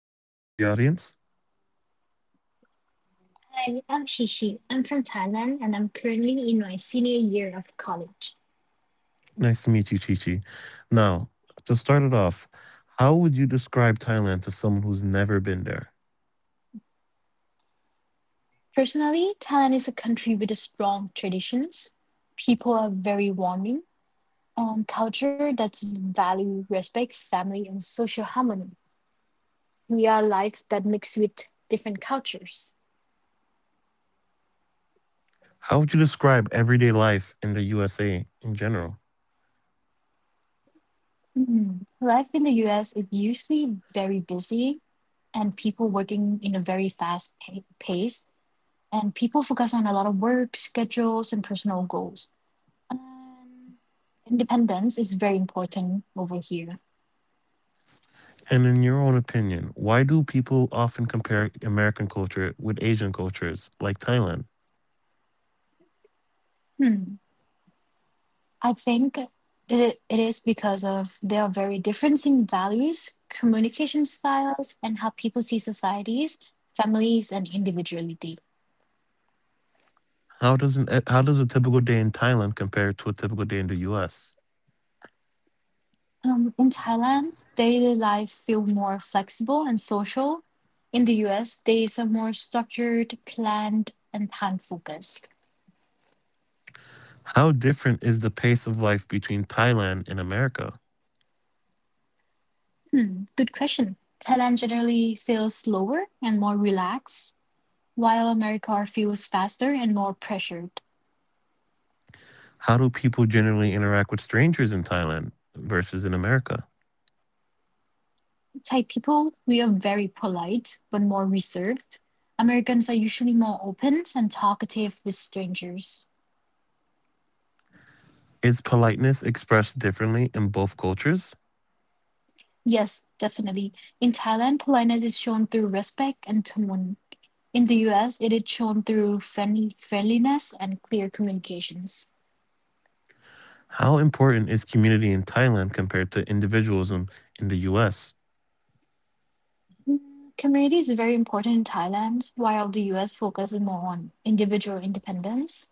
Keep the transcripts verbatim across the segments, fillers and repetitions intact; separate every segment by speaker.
Speaker 1: like to introduce yourself to the audience?
Speaker 2: Hi, I'm Shishi. I'm from Thailand and I'm currently in my senior year of college.
Speaker 1: Nice to meet you, Chi Chi. Now, to start it off, how would you describe Thailand to someone who's never been there?
Speaker 2: Personally, Thailand is a country with a strong traditions. People are very warming and culture that value respect, family, and social harmony. We are life that mix with different cultures.
Speaker 1: How would you describe everyday life in the U S A in general?
Speaker 2: Hmm, life in the U S is usually very busy and people working in a very fast pa- pace, and people focus on a lot of work, schedules, and personal goals. Um, Independence is very important over here.
Speaker 1: And in your own opinion, why do people often compare American culture with Asian cultures like Thailand?
Speaker 2: Hmm. I think it, it is because of there are very difference in values, communication styles, and how people see societies, families, and individuality.
Speaker 1: How doesn't it- How does a typical day in Thailand compare to a typical day in the U S?
Speaker 2: Um, in Thailand, daily life feel more flexible and social. In the U S, there is a more structured, planned, and time focused.
Speaker 1: How different is the pace of life between Thailand and America?
Speaker 2: Hmm. Good question. Thailand generally feels slower and more relaxed while America feels faster and more pressured.
Speaker 1: How do people generally interact with strangers in Thailand versus in America?
Speaker 2: Thai people, we are very polite but more reserved. Americans are usually more open and talkative with strangers.
Speaker 1: Is politeness expressed differently in both cultures?
Speaker 2: Yes, definitely. In Thailand, politeness is shown through respect and tone. In the U S, it is shown through friendly, friendliness and clear communications.
Speaker 1: How important is community in Thailand compared to individualism in the U S?
Speaker 2: Mm, community is very important in Thailand, while the U S focuses more on individual independence.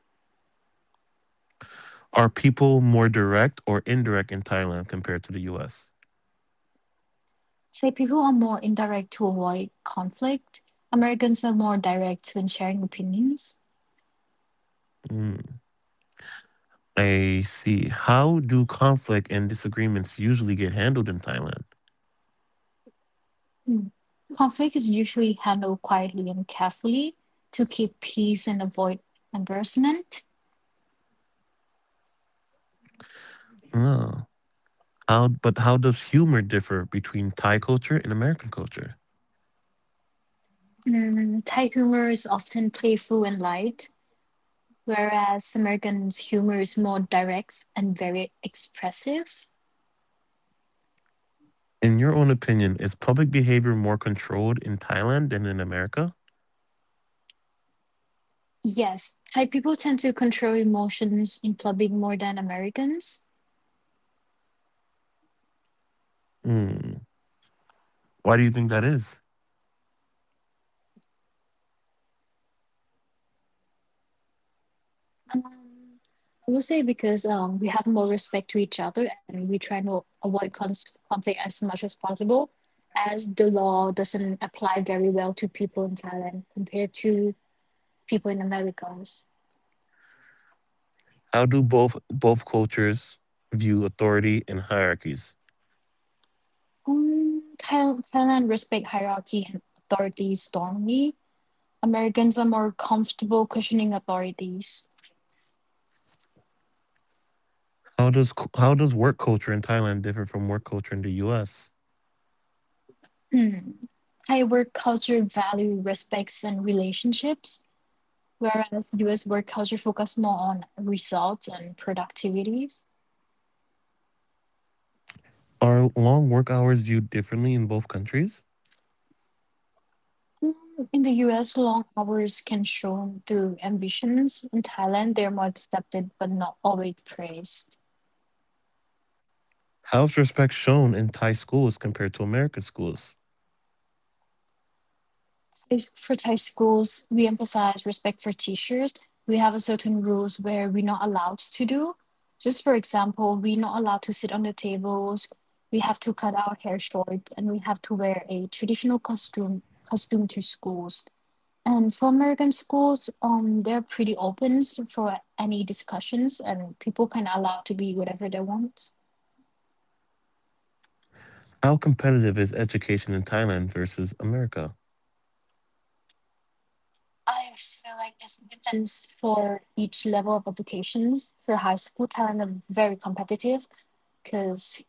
Speaker 1: Are people more direct or indirect in Thailand compared to the U S?
Speaker 2: Say people are more indirect to avoid conflict. Americans are more direct when sharing opinions.
Speaker 1: Mm, I see. How do conflict and disagreements usually get handled in Thailand?
Speaker 2: Mm. Conflict is usually handled quietly and carefully to keep peace and avoid embarrassment.
Speaker 1: Oh. How but how does humor differ between Thai culture and American culture?
Speaker 2: Mm, Thai humor is often playful and light, whereas Americans' humor is more direct and very expressive.
Speaker 1: In your own opinion, is public behavior more controlled in Thailand than in America?
Speaker 2: Yes, Thai people tend to control emotions in public more than Americans.
Speaker 1: Hmm. Why do you think that is?
Speaker 2: Um, I would say because um, we have more respect to each other and we try to avoid cons conflict as much as possible, as the law doesn't apply very well to people in Thailand compared to people in Americas.
Speaker 1: How do both both cultures view authority and hierarchies?
Speaker 2: Um, Thailand, Thailand respect hierarchy and authority strongly. Americans are more comfortable questioning authorities.
Speaker 1: How does cu- how does work culture in Thailand differ from work culture in the U S?
Speaker 2: Hmm. Thai work culture value respects and relationships, whereas U S work culture focuses more on results and productivities.
Speaker 1: Are long work hours viewed differently in both countries?
Speaker 2: Mm, in the U S, long hours can shown through ambitions. In Thailand, they're more accepted but not always praised.
Speaker 1: How's respect shown in Thai schools compared to American schools?
Speaker 2: As for Thai schools, we emphasize respect for teachers. We have a certain rules where we're not allowed to do. Just for example, we're not allowed to sit on the tables. We have to cut our hair short, and we have to wear a traditional costume costume to schools. And for American schools, um, they're pretty open for any discussions, and people can allow to be whatever they want.
Speaker 1: How competitive is education in Thailand versus America?
Speaker 2: I feel like it's different for each level of educations. For high school, Thailand are very competitive because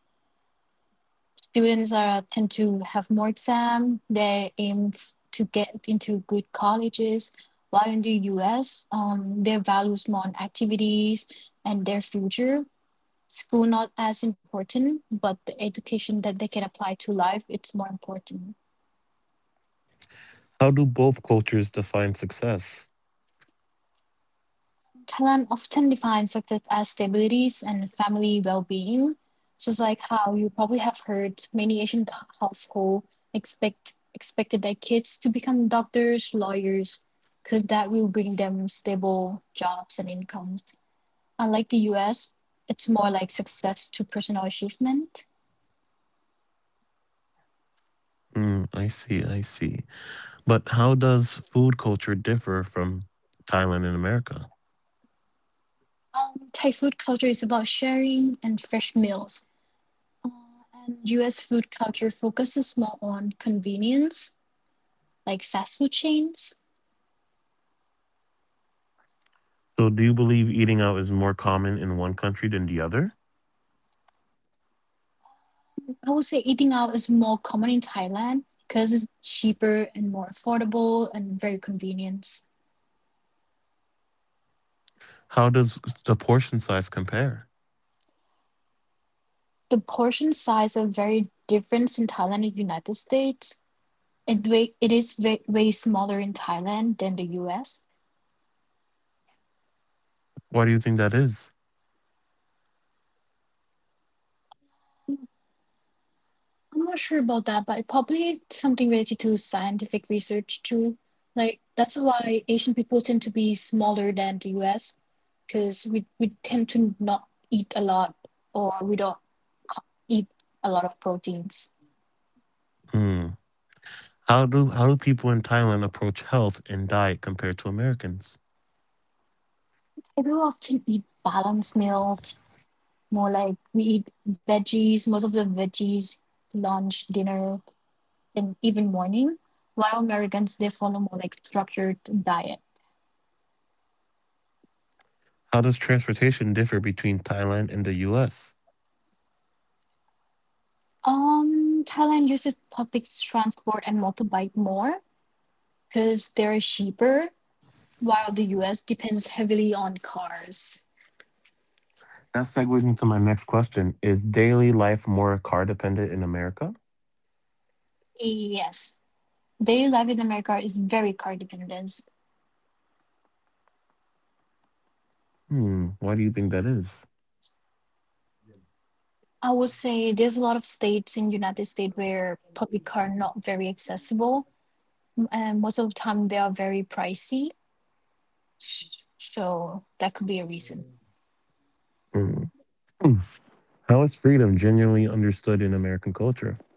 Speaker 2: students are tend to have more exam. They aim f- to get into good colleges. While in the U S, um, their values more on activities and their future school not as important, but the education that they can apply to life it's more important.
Speaker 1: How do both cultures define success?
Speaker 2: Thailand often defines success as stabilities and family well-being. Just like how you probably have heard many Asian c- household expect expected their kids to become doctors, lawyers, because that will bring them stable jobs and incomes. Unlike the U S, it's more like success to personal achievement.
Speaker 1: Mm, I see, I see. But how does food culture differ from Thailand and America?
Speaker 2: Um, Thai food culture is about sharing and fresh meals. Uh, and U S food culture focuses more on convenience, like fast food chains.
Speaker 1: So, do you believe eating out is more common in one country than the other?
Speaker 2: I would say eating out is more common in Thailand because it's cheaper and more affordable and very convenient.
Speaker 1: How does the portion size compare?
Speaker 2: The portion size are very different in Thailand and United States. It, wa- it is way, way smaller in Thailand than the U S.
Speaker 1: Why do you think that is?
Speaker 2: I'm not sure about that, but it probably something related to scientific research too. Like that's why Asian people tend to be smaller than the U S, because we we tend to not eat a lot or we don't co- eat a lot of proteins.
Speaker 1: Hmm. How do how do people in Thailand approach health and diet compared to Americans?
Speaker 2: I do often eat balanced meals, more like we eat veggies, most of the veggies, lunch, dinner, and even morning, while Americans they follow more like structured diet.
Speaker 1: How does transportation differ between Thailand and the U S?
Speaker 2: Um, Thailand uses public transport and motorbike more because they're cheaper, while the U S depends heavily on cars.
Speaker 1: That segues into my next question: is daily life more car dependent in America?
Speaker 2: Yes, daily life in America is very car dependent.
Speaker 1: Hmm. Why do you think that is?
Speaker 2: I would say there's a lot of states in United States where public car not very accessible, and most of the time they are very pricey. So that could be a reason.
Speaker 1: Hmm. Hmm. How is freedom genuinely understood in American culture?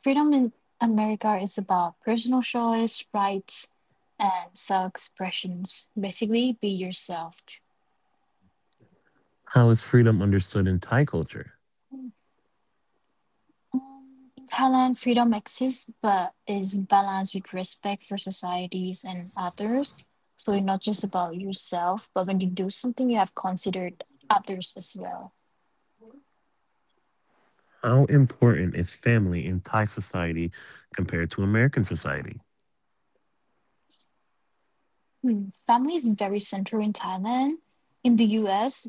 Speaker 2: Freedom in America is about personal choice, rights, and self expressions. Basically, be yourself.
Speaker 1: How is freedom understood in Thai culture?
Speaker 2: Um, In Thailand, freedom exists but is balanced with respect for societies and others. So it's not just about yourself, but when you do something, you have considered others as well.
Speaker 1: How important is family in Thai society compared to American society?
Speaker 2: Hmm, family is very central in Thailand. In the U S,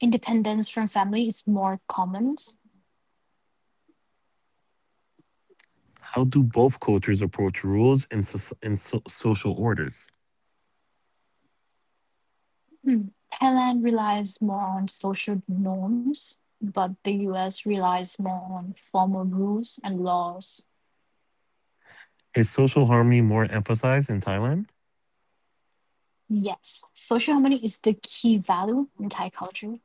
Speaker 2: independence from family is more common.
Speaker 1: How do both cultures approach rules and, so- and so- social orders?
Speaker 2: Hmm. Thailand relies more on social norms, but the U S relies more on formal rules and laws.
Speaker 1: Is social harmony more emphasized in Thailand?
Speaker 2: Yes, social harmony is the key value in Thai culture.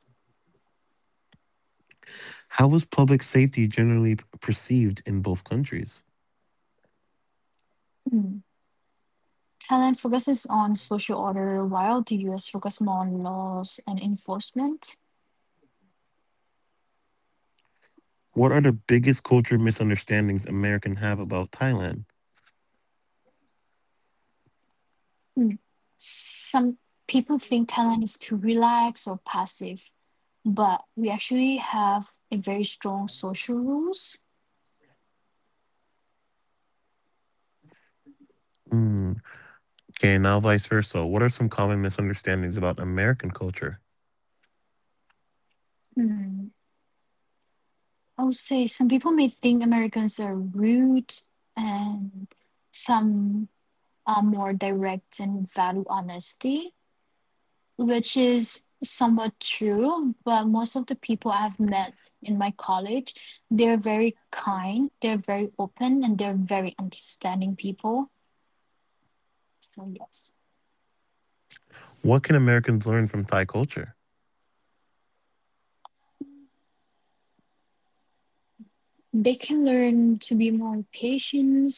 Speaker 1: How is public safety generally p- perceived in both countries?
Speaker 2: Hmm. Thailand focuses on social order while the U S focuses more on laws and enforcement.
Speaker 1: What are the biggest culture misunderstandings Americans have about Thailand?
Speaker 2: Hmm. Some people think Thailand is too relaxed or passive, but we actually have a very strong social rules.
Speaker 1: Hmm. Okay, now vice versa. What are some common misunderstandings about American culture?
Speaker 2: Hmm. I would say some people may think Americans are rude and some are more direct and value honesty, which is somewhat true. But most of the people I've met in my college, they're very kind, they're very open, and they're very understanding people. So, yes,
Speaker 1: What can Americans learn from Thai culture?
Speaker 2: they can learn to be more patient,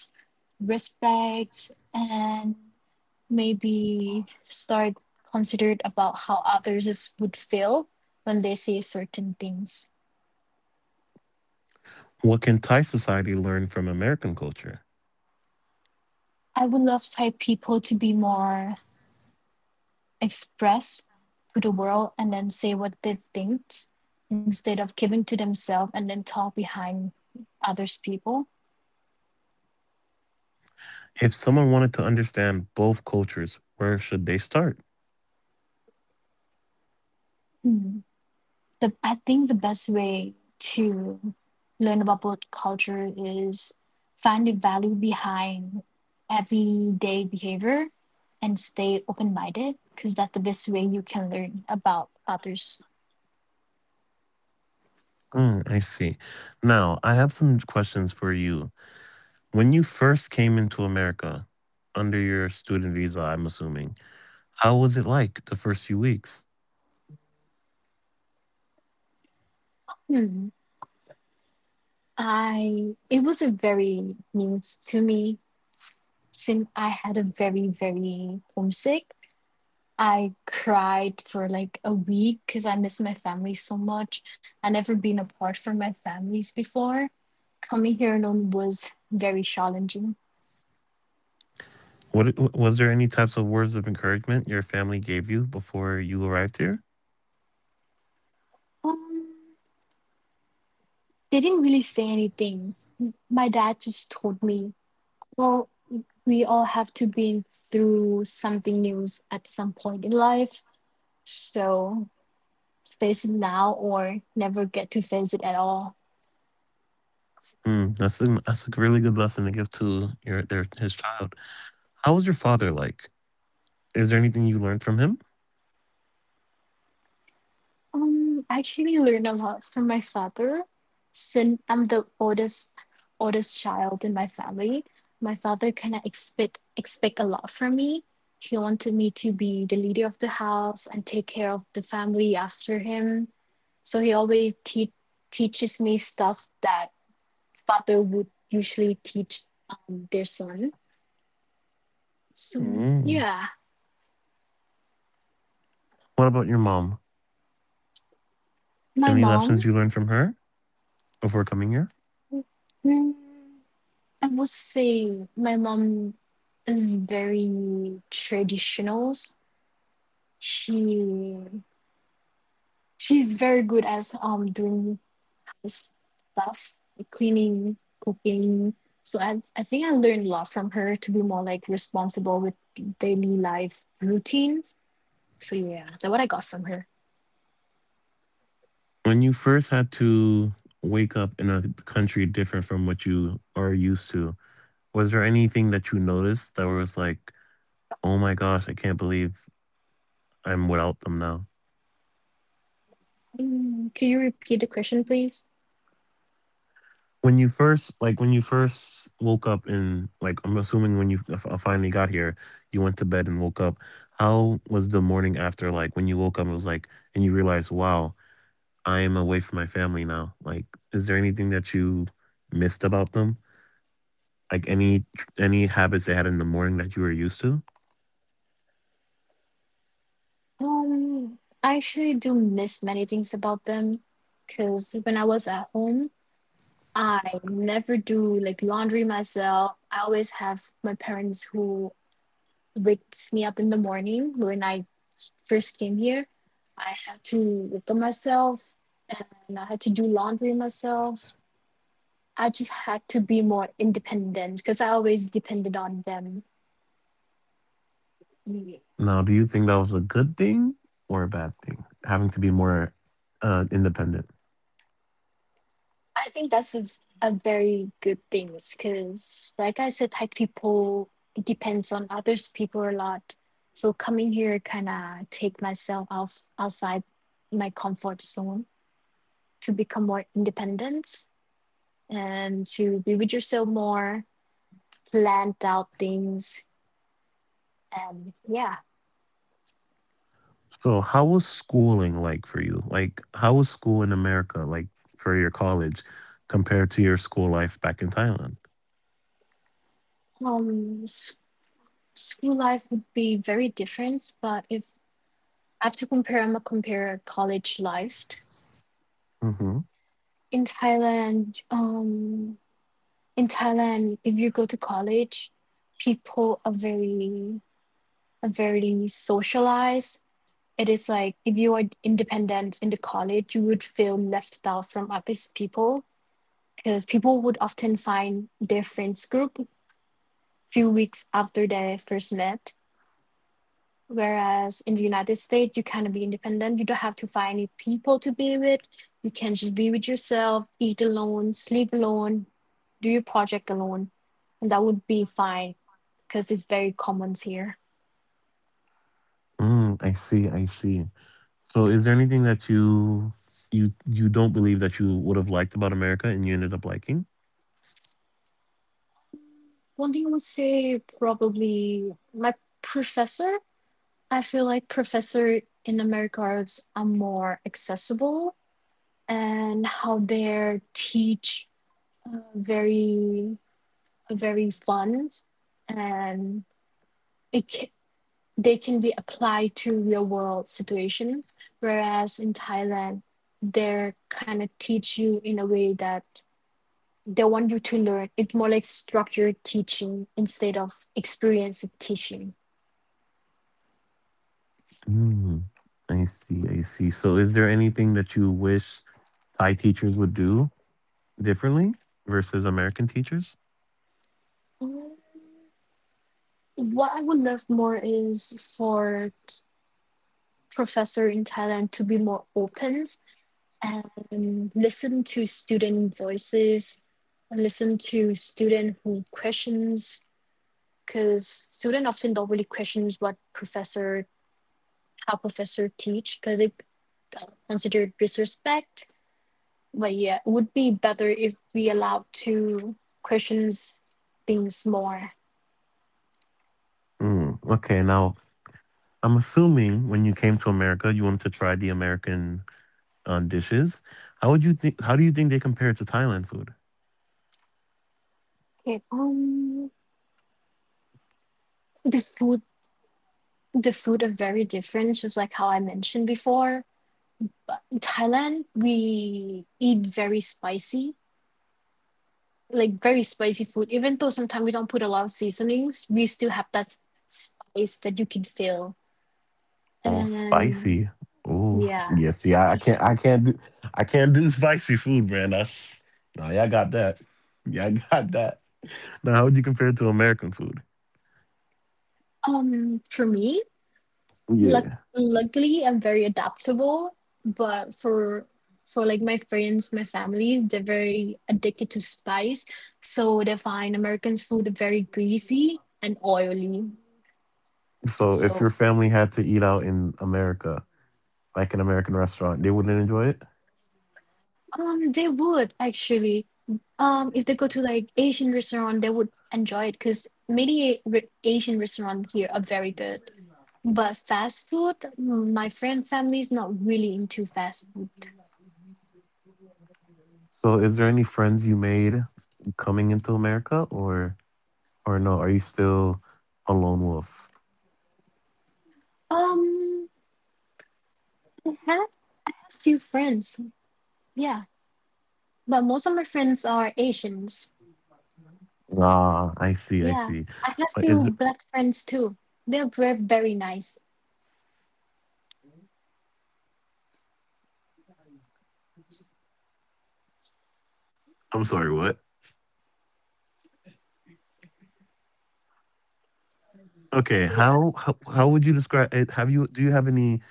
Speaker 2: respect, and maybe start considered about how others is- would feel when they say certain things.
Speaker 1: What can Thai society learn from American culture?
Speaker 2: I would love Thai people to be more expressed to the world and then say what they think instead of giving to themselves and then talk behind others people.
Speaker 1: If someone wanted to understand both cultures, where should they start?
Speaker 2: Mm. the I think the best way to learn about both culture is find the value behind everyday behavior and stay open minded because that's the best way you can learn about others.
Speaker 1: Mm, I see. Now, I have some questions for you. When you first came into America, under your student visa, I'm assuming, how was it like the first few weeks?
Speaker 2: Hmm. I it was a very news to me since I had a very very homesick. I cried for like a week because I miss my family so much. I never been apart from my families before. Coming here alone was very challenging.
Speaker 1: What was there any types of words of encouragement your family gave you before you arrived here?
Speaker 2: Um, they didn't really say anything. My dad just told me, "Well, we all have to be through something new at some point in life, so face it now or never get to face it at all."
Speaker 1: Mm, that's a, that's a really good lesson to give to your their his child. How was your father like? Is there anything you learned from him?
Speaker 2: Um, I actually learn a lot from my father. Since I'm the oldest oldest child in my family, my father kind of expect expect a lot from me. He wanted me to be the leader of the house and take care of the family after him. So he always te- teaches me stuff that father would usually teach um, their son. So
Speaker 1: Mm.
Speaker 2: yeah,
Speaker 1: What about your mom?
Speaker 2: my
Speaker 1: Any
Speaker 2: mom.
Speaker 1: lessons you learned from her before coming here?
Speaker 2: Mm, I would say my mom is very traditional. She she's very good at um doing house stuff, like cleaning, cooking. So I I think I learned a lot from her to be more like responsible with daily life routines. So yeah, that's what I got from her.
Speaker 1: When you first had to wake up in a country different from what you are used to, was there anything that you noticed that was like, oh my gosh, I can't believe I'm without them now?
Speaker 2: Mm, could you repeat the question, please?
Speaker 1: When you first like when you first woke up and like i'm assuming when you f- uh, finally got here, you went to bed and woke up. How was the morning after, like when you woke up it was like, and you realized, wow, I am away from my family now. Like, is there anything that you missed about them? Like any any habits they had in the morning that you were used to.
Speaker 2: Um, I actually do miss many things about them, because when I was at home, I never do like laundry myself. I always have my parents who wakes me up in the morning when I first came here. I had to wake up myself and I had to do laundry myself. I just had to be more independent because I always depended on them. Yeah.
Speaker 1: Now, do you think that was a good thing or a bad thing, having to be more uh independent?
Speaker 2: I think that's a a very good thing because, like I said, Thai people it depends on others people a lot. So coming here kind of take myself out outside my comfort zone to become more independent and to be with yourself more, plan out things, and yeah.
Speaker 1: So, how was schooling like for you? Like, how was school in America like for your college compared to your school life back in Thailand?
Speaker 2: Um, s- school life would be very different, but if I have to compare, I'm gonna compare college life
Speaker 1: Mm-hmm.
Speaker 2: in Thailand. Um, in Thailand, if you go to college, people are very are very socialized. It is like if you are independent in the college, you would feel left out from other people because people would often find their friends group few weeks after they first met. Whereas in the United States, you kind of be independent. You don't have to find any people to be with. You can just be with yourself, eat alone, sleep alone, do your project alone, and that would be fine because it's very common here.
Speaker 1: Mm, I see. I see. So, is there anything that you you you don't believe that you would have liked about America and you ended up liking?
Speaker 2: One thing I would say probably like professor. I feel like professor in American arts are more accessible and how they teach uh, very very fun, and it can, they can be applied to real world situation, whereas in Thailand they're kind of teach you in a way that they want you to learn. It's more like structured teaching instead of experience teaching.
Speaker 1: Mm, I see. I see. So, is there anything that you wish Thai teachers would do differently versus American teachers?
Speaker 2: Mm, What I would love more is for t- professor in Thailand to be more open and listen to student voices, listen to student who questions, because student often don't really questions what professor, how professor teach, because they uh, consider disrespect. But yeah, it would be better if we allowed to question things more.
Speaker 1: Mm, okay. Now, I'm assuming when you came to America, you wanted to try the American on dishes. How would you think? How do you think they compare to Thailand food?
Speaker 2: Okay. Um, the food, the food are very different, just like how I mentioned before. But in Thailand, we eat very spicy, like very spicy food. Even though sometimes we don't put a lot of seasonings, we still have that spice that you can feel.
Speaker 1: Oh,
Speaker 2: And
Speaker 1: spicy. Oh,
Speaker 2: yeah,
Speaker 1: yeah. See, I, I can't.
Speaker 2: spicy.
Speaker 1: I can't do. I can't do spicy food, man. That's nah. Y'all got that. Y'all got that. Now, how would you compare it to American food?
Speaker 2: Um, for me, Luck
Speaker 1: Yeah.
Speaker 2: luckily, I'm very adaptable, but for for like my friends, my families, they're very addicted to spice, so they find American food very greasy and oily.
Speaker 1: So, if
Speaker 2: So
Speaker 1: your family had to eat out in America, like an American restaurant, they wouldn't enjoy it.
Speaker 2: um, they would actually um if they go to like Asian restaurant, they would enjoy it because many re- Asian restaurants here are very good. But fast food, mm, my friend family is not really into fast food.
Speaker 1: So, is there any friends you made coming into America, or or no? Are you still a lone wolf?
Speaker 2: Um, I have a few friends. Yeah, but most of my friends are Asians.
Speaker 1: Ah, I see. I
Speaker 2: Yeah,
Speaker 1: see.
Speaker 2: I have
Speaker 1: But is,
Speaker 2: few black friends too. They're very very nice.
Speaker 1: I'm sorry, what? Okay,
Speaker 2: Yeah.
Speaker 1: how how, how would you describe it? Have you do you have any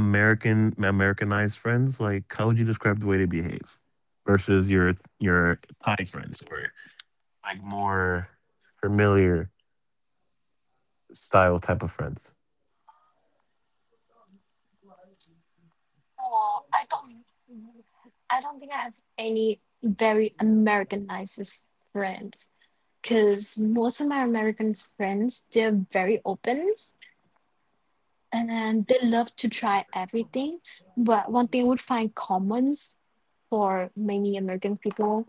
Speaker 1: American Americanized friends? Like, how would you describe the way they behave versus your your Thai friends, or like more familiar style type of friends?
Speaker 2: Oh, I don't. I don't think I have any very Americanized friends because most of my American friends, they're very open and they love to try everything. But one thing I would find commons for many American people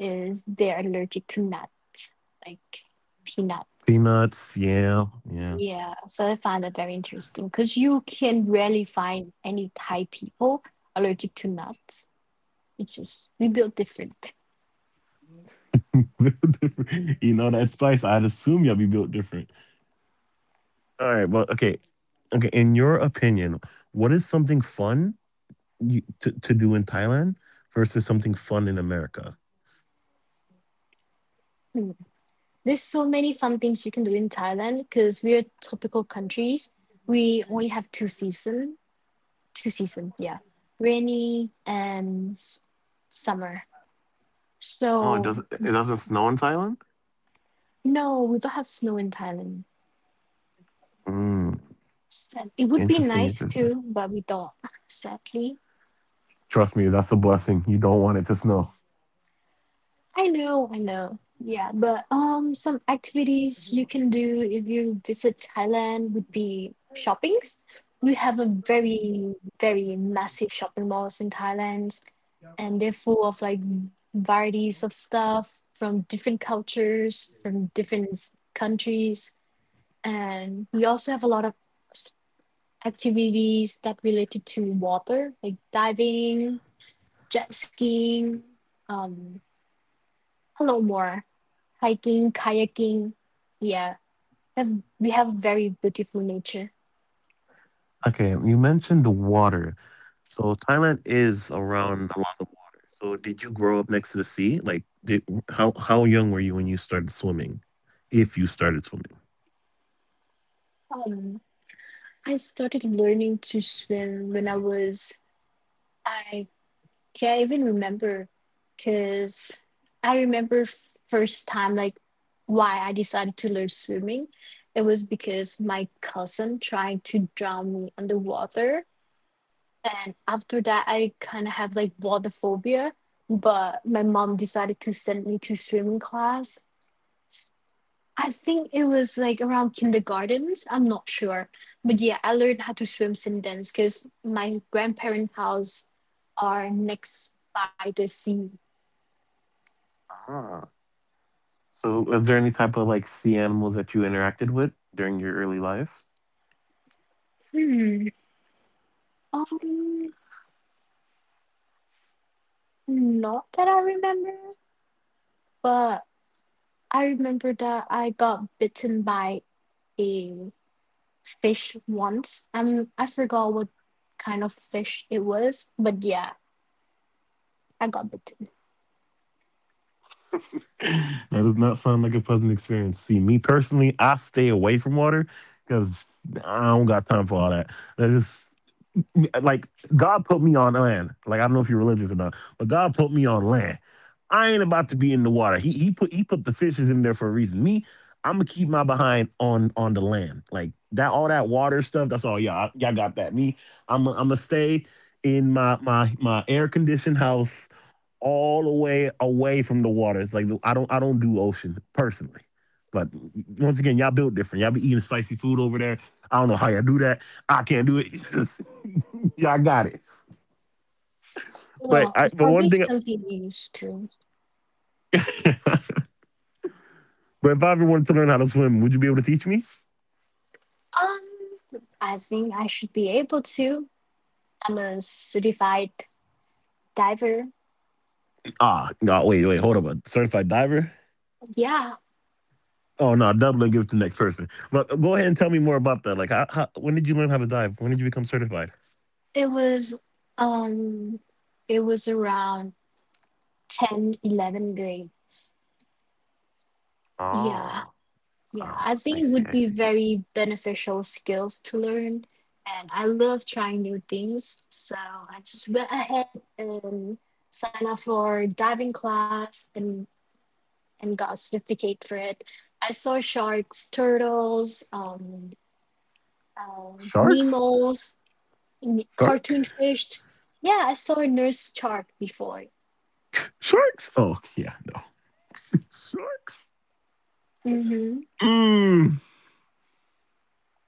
Speaker 2: is they're allergic to nuts, like peanut.
Speaker 1: Peanuts, yeah, yeah.
Speaker 2: Yeah, so I find that very interesting because you can rarely find any Thai people allergic to nuts. It's just we build different.
Speaker 1: You know that spice. I'd assume y'all be built different. All right, well, okay, okay. In your opinion, what is something fun you, to to do in Thailand versus something fun in America?
Speaker 2: Mm. There's so many fun things you can do in Thailand because we're tropical countries. We only have two season, two seasons, yeah, rainy and s- summer.
Speaker 1: Oh, it
Speaker 2: So
Speaker 1: doesn't. It doesn't snow in Thailand.
Speaker 2: no, we don't have snow in Thailand.
Speaker 1: Mm,
Speaker 2: Sad. It would be
Speaker 1: interesting,
Speaker 2: nice
Speaker 1: interesting.
Speaker 2: too, but we don't, sadly.
Speaker 1: Trust me, that's a blessing. You don't want it to snow.
Speaker 2: I know, I know. Yeah, but um, some activities you can do if you visit Thailand would be shoppings. We have a very, very massive shopping malls in Thailand, and they're full of like varieties of stuff from different cultures, from different s- countries, and we also have a lot of s- activities that related to water, like diving, jet skiing, um, a lot more hiking, kayaking. Yeah, have, we have very beautiful nature.
Speaker 1: Okay, you mentioned the water. So Thailand is around a lot of water. So did you grow up next to the sea? Like, did how how young were you when you started swimming? If you started swimming.
Speaker 2: Um, I started learning to swim when I was, I can't even remember because I remember f- first time, like, why I decided to learn swimming. It was because my cousin tried to drown me underwater. And after that, I kind of have like water phobia, but my mom decided to send me to swimming class. I think it was like around kindergartens. I'm not sure. But yeah, I learned how to swim since then because my grandparent' house are next by the sea.
Speaker 1: Ah. So was there any type of like sea animals that you interacted with during your early life?
Speaker 2: Hmm. Um, not that I remember, but I remember that I got bitten by a fish once. Um, I forgot what kind of fish it was, but yeah, I got bitten.
Speaker 1: That does not sound like a pleasant experience. See, me personally, I stay away from water because I don't got time for all that. That's just like God put me on land. Like I don't know if you're religious or not, but God put me on land. I ain't about to be in the water. He he put he put the fishes in there for a reason. Me, I'm gonna keep my behind on on the land. Like that, all that water stuff. That's all y'all y'all got that. Me, I'm i I'm gonna stay in my my my air conditioned house all the way away from the water. It's like I don't I don't do ocean personally. But once again, y'all built different. Y'all be eating spicy food over there. I don't know how y'all do that. I can't do it. It's just- y'all got it. But
Speaker 2: Well,
Speaker 1: I,
Speaker 2: it's
Speaker 1: but
Speaker 2: probably
Speaker 1: one thing,
Speaker 2: something you used to.
Speaker 1: but if I ever wanted to learn how to swim, would you be able to teach me?
Speaker 2: Um, I think I should be able to. I'm a certified diver.
Speaker 1: Ah, no, wait, wait, hold up. A certified diver?
Speaker 2: Yeah,
Speaker 1: Oh no, double and give it to the next person. But go ahead and tell me more about that. Like, how, how, when did you learn how to dive? When did you become certified?
Speaker 2: it was um it was around ten, eleven grades. Yeah.
Speaker 1: Ah,
Speaker 2: Yeah,
Speaker 1: ah,
Speaker 2: I think
Speaker 1: I
Speaker 2: it
Speaker 1: see,
Speaker 2: would
Speaker 1: I
Speaker 2: be
Speaker 1: see.
Speaker 2: very beneficial skills to learn and I love trying new things. So I just went ahead and signed up for diving class and and got a certificate for it. I saw sharks, turtles, um um,
Speaker 1: Sharks?
Speaker 2: Nemo's, n-
Speaker 1: Shark?
Speaker 2: cartoon fish. Yeah, I saw a nurse chart before.
Speaker 1: Sharks? Oh, yeah, no. Sharks?
Speaker 2: Hmm.
Speaker 1: Mm.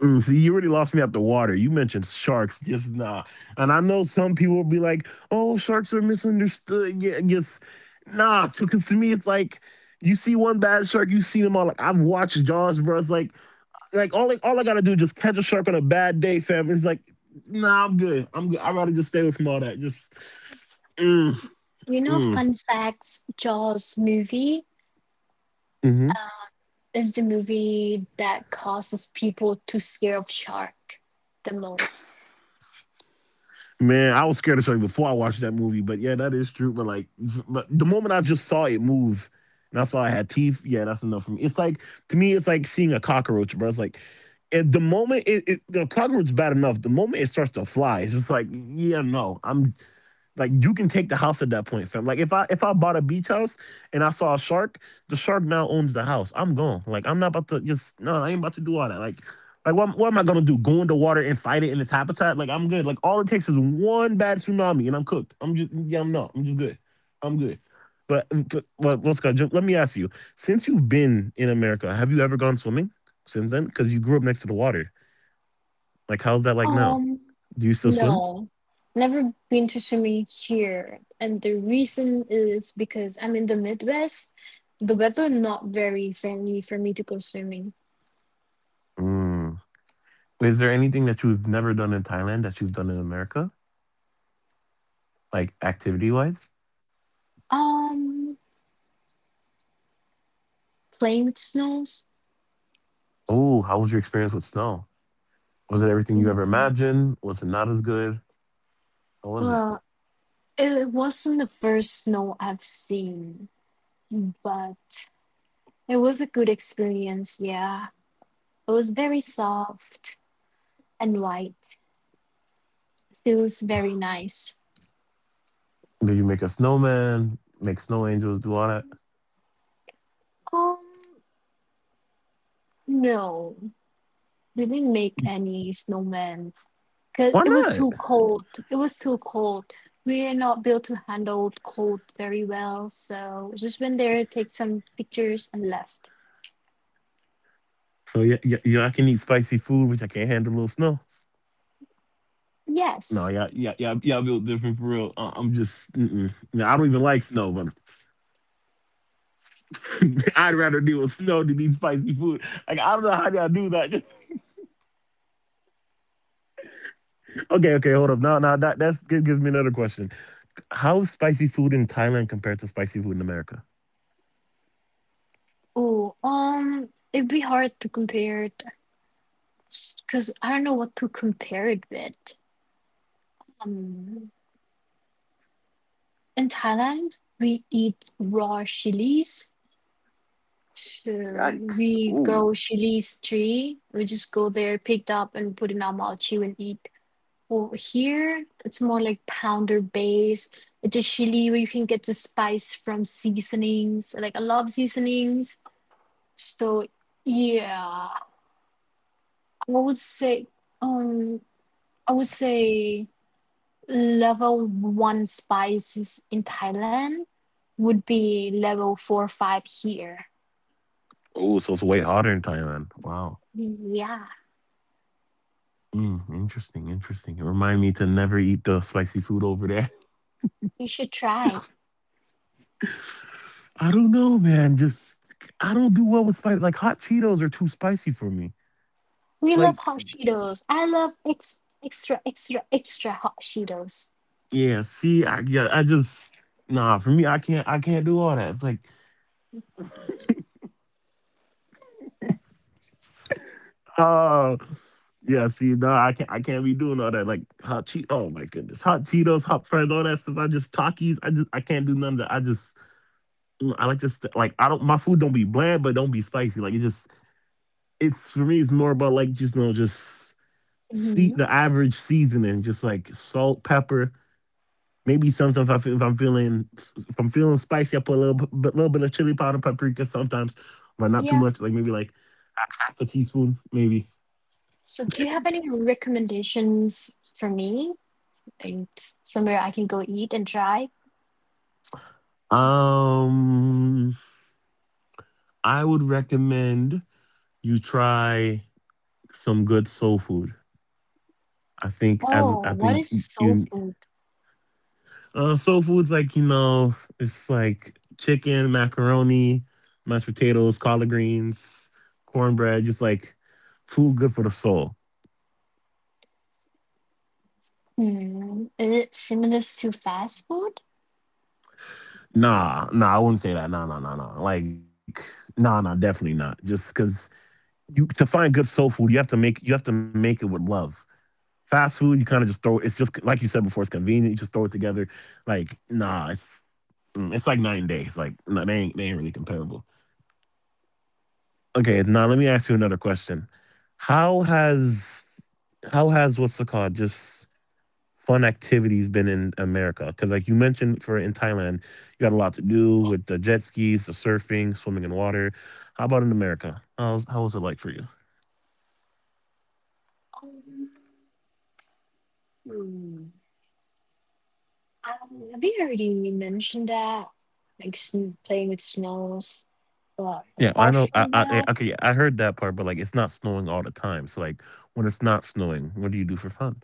Speaker 1: Mm, see, you already lost me at the water. You mentioned sharks, just nah. And I know some people will be like, oh, sharks are misunderstood. Yeah, yes. Nah, because to me, it's like, you see one bad shark, you see them all. Like I've watched Jaws, bro. It's like, like all, I- all I gotta do is just catch a shark on a bad day, fam. It's like, nah, I'm good. I'm good. I'd rather just stay away from all that. Just, mm,
Speaker 2: You know,
Speaker 1: mm.
Speaker 2: fun facts Jaws movie
Speaker 1: Hmm.
Speaker 2: is the movie that causes people to scare of shark the most.
Speaker 1: Man, I was scared of something before I watched that movie, but yeah, that is true. But like, but the moment I just saw it move and I saw it had teeth, yeah, that's enough for me. It's like to me, it's like seeing a cockroach, bro. It's like at the moment it, it the cockroach is bad enough. The moment it starts to fly, it's just like, yeah, no, I'm like, you can take the house at that point, fam. Like if I if I bought a beach house and I saw a shark, the shark now owns the house. I'm gone. Like I'm not about to just no. I ain't about to do all that. Like like what, what am I gonna do? Go in the water and fight it in its habitat? Like I'm good. Like all it takes is one bad tsunami and I'm cooked. I'm just yeah. I'm not. I'm just good. I'm good. But but well, Jump. Let me ask you. Since you've been in America, have you ever gone swimming since then? Because you grew up next to the water. Like how's that like now?
Speaker 2: Um,
Speaker 1: Do you still swim?
Speaker 2: no, never been to swimming here, and the reason is because I'm in the Midwest. The weather not very friendly for me to go swimming.
Speaker 1: Mm. Is there anything that you've never done in Thailand that you've done in America, like activity wise?
Speaker 2: Um, playing with snows.
Speaker 1: Oh, how was your experience with snow? Was it everything you ever imagined? Was it not as good? How was it?
Speaker 2: Well, it wasn't the first snow I've seen, but it was a good experience, yeah. It was very soft and white. Feels very nice.
Speaker 1: Did you make a snowman, make snow angels, do all that?
Speaker 2: Um, no, we didn't make any snowmen because
Speaker 1: Why
Speaker 2: it was
Speaker 1: not?
Speaker 2: too cold. It was too cold. We are not built to handle cold very well, so just went there, take some pictures, and left.
Speaker 1: So yeah, yeah, yeah, I can eat spicy food, which I can't handle a little snow. No,
Speaker 2: Yes.
Speaker 1: yeah, yeah, yeah, yeah, I built different for real. Uh, I'm just, mm-mm. Yeah, I don't even like snow, but I'd rather deal with snow than eat spicy food. Like I don't know how y'all do that. Okay, okay, hold up. No, no, that that's Gives me another question. How is spicy food in Thailand compared to spicy food in America?
Speaker 2: Oh, um, it'd be hard to compare because I don't know what to compare it with. Um, in Thailand, we eat raw chilies. So
Speaker 1: Yikes.
Speaker 2: we
Speaker 1: Ooh.
Speaker 2: grow chilies tree. We just go there, picked up, and put in our mouth, chew, and eat. Over here, it's more like pounder based. It's a chili where you can get the spice from seasonings. Like I love seasonings. So yeah, I would say um I would say level one spices in Thailand would be level four or five here.
Speaker 1: Oh, so it's way hotter in Thailand. Wow.
Speaker 2: Yeah,
Speaker 1: Mm, interesting, interesting. It remind me to never eat the spicy food over there.
Speaker 2: you should try.
Speaker 1: I don't know, man. Just I don't do well with spicy. Like hot Cheetos are too spicy for me.
Speaker 2: We love
Speaker 1: Like,
Speaker 2: hot Cheetos. I love ex- extra, extra, extra hot Cheetos.
Speaker 1: yeah. See, I yeah, I just nah. For me, I can't. I can't do all that. It's like, uh, yeah, see, no, I can't. I can't be doing all that, like hot cheet. Oh my goodness, hot Cheetos, hot friends, all that stuff. I just Takis. I just I can't do none of that. I just mm, I like to st- like I don't. My food don't be bland, but don't be spicy. Like it just it's for me. It's more about like just you know just the,
Speaker 2: Hmm.
Speaker 1: the average seasoning, just like salt, pepper. Maybe sometimes if, I, feel- if I'm feeling if I'm feeling spicy, I put a little bit, little bit of chili powder, paprika. Sometimes, but not too
Speaker 2: Yeah.
Speaker 1: much. Like maybe like half a teaspoon, maybe.
Speaker 2: So, do you have any recommendations for me? Like somewhere I can go eat and try?
Speaker 1: Um, I would recommend. You try some good soul food. I think as I
Speaker 2: Oh, what
Speaker 1: think
Speaker 2: is soul
Speaker 1: you
Speaker 2: food?
Speaker 1: uh, soul food's like you know it's like chicken, macaroni, mashed potatoes, collard greens, cornbread. Just like food good for the soul.
Speaker 2: Hmm. Is it similar to fast food?
Speaker 1: Nah, nah, I wouldn't say that. Nah, nah, nah, nah. Like nah, nah, definitely not. Just because you to find good soul food, you have to make you have to make it with love. Fast food, you kind of just throw. It's just like you said before. It's convenient. You just throw it together. Like nah, it's mm, it's like night and day. It's like no, they ain't they ain't really comparable. Okay, now let me ask you another question. How has how has what's it called just fun activities been in America? Because like you mentioned, for in Thailand, you got a lot to do with the jet skis, the surfing, swimming in water. How about in America? How's how was it like for you?
Speaker 2: Um, hmm. Um, I think I already mentioned that, like sn- playing with snows. But
Speaker 1: Yeah, I
Speaker 2: apart
Speaker 1: know. I,
Speaker 2: from
Speaker 1: I yeah,
Speaker 2: that,
Speaker 1: okay, yeah, I heard that part, but like it's not snowing all the time. So like when it's not snowing, what do you do for fun?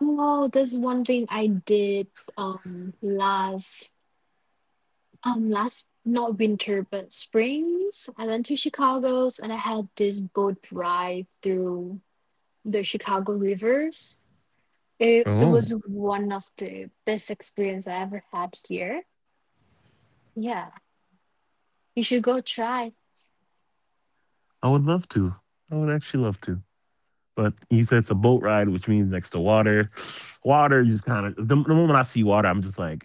Speaker 2: oh, there's one thing I did um last um last not winter but springs. I went to Chicago's and I had this boat ride through the Chicago rivers. It it
Speaker 1: Oh,
Speaker 2: was one of the best experience I ever had here. Yeah, you should go try.
Speaker 1: I would love to. I would actually love to. But you said it's a boat ride, which means next to water. Water, you just kind of the, the moment I see water, I'm just like,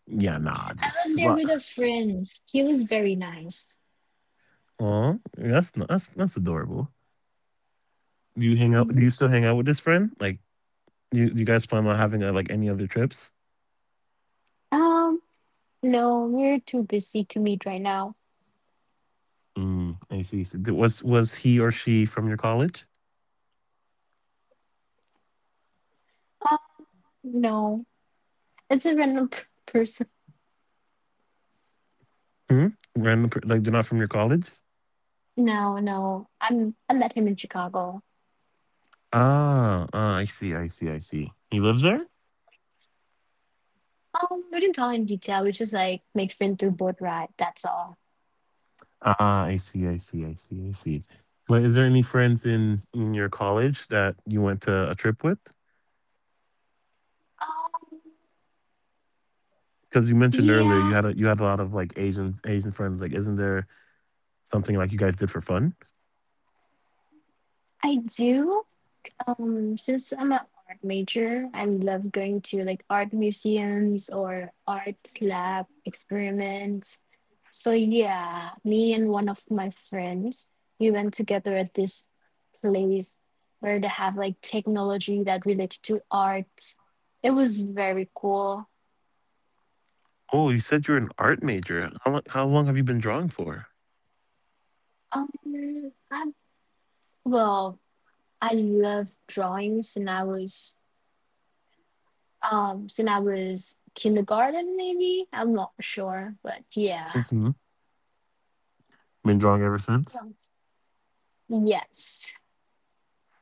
Speaker 1: yeah, nah,
Speaker 2: I
Speaker 1: just
Speaker 2: went there with
Speaker 1: water.
Speaker 2: a friend. He was very nice.
Speaker 1: Oh, that's n- that's that's adorable. Do you hang out? Do you still hang out with this friend? Like, you you guys plan on having uh like any other trips?
Speaker 2: Um, no, we're too busy to meet right now.
Speaker 1: Mm, I see. So th- was was he or she from your college?
Speaker 2: Uh, no, it's a random p- person.
Speaker 1: Hmm. Random, per- like they're not from your college.
Speaker 2: No, no, I'm I met him in Chicago.
Speaker 1: Ah, ah, I see, I see, I see. He lives there.
Speaker 2: Um, we didn't talk in detail. We just like make friends through boat ride. That's all.
Speaker 1: Ah, I see, I see, I see, I see. But is there any friends in in your college that you went to a trip with?
Speaker 2: Um,
Speaker 1: Because you mentioned earlier
Speaker 2: yeah,
Speaker 1: you had a you had a lot of like Asian Asian friends. Like, isn't there something like you guys did for fun?
Speaker 2: I do. Um, since I'm an art major, I love going to like art museums or art lab experiments. So yeah, me and one of my friends, we went together at this place where they have like technology that related to art. It was very cool.
Speaker 1: Oh, you said you're an art major. How long, how long have you been drawing for?
Speaker 2: Um, I, well, I love drawings, since I was um since I was kindergarten maybe. I'm not sure, but yeah.
Speaker 1: Hmm. Been drawing ever since.
Speaker 2: Um, yes.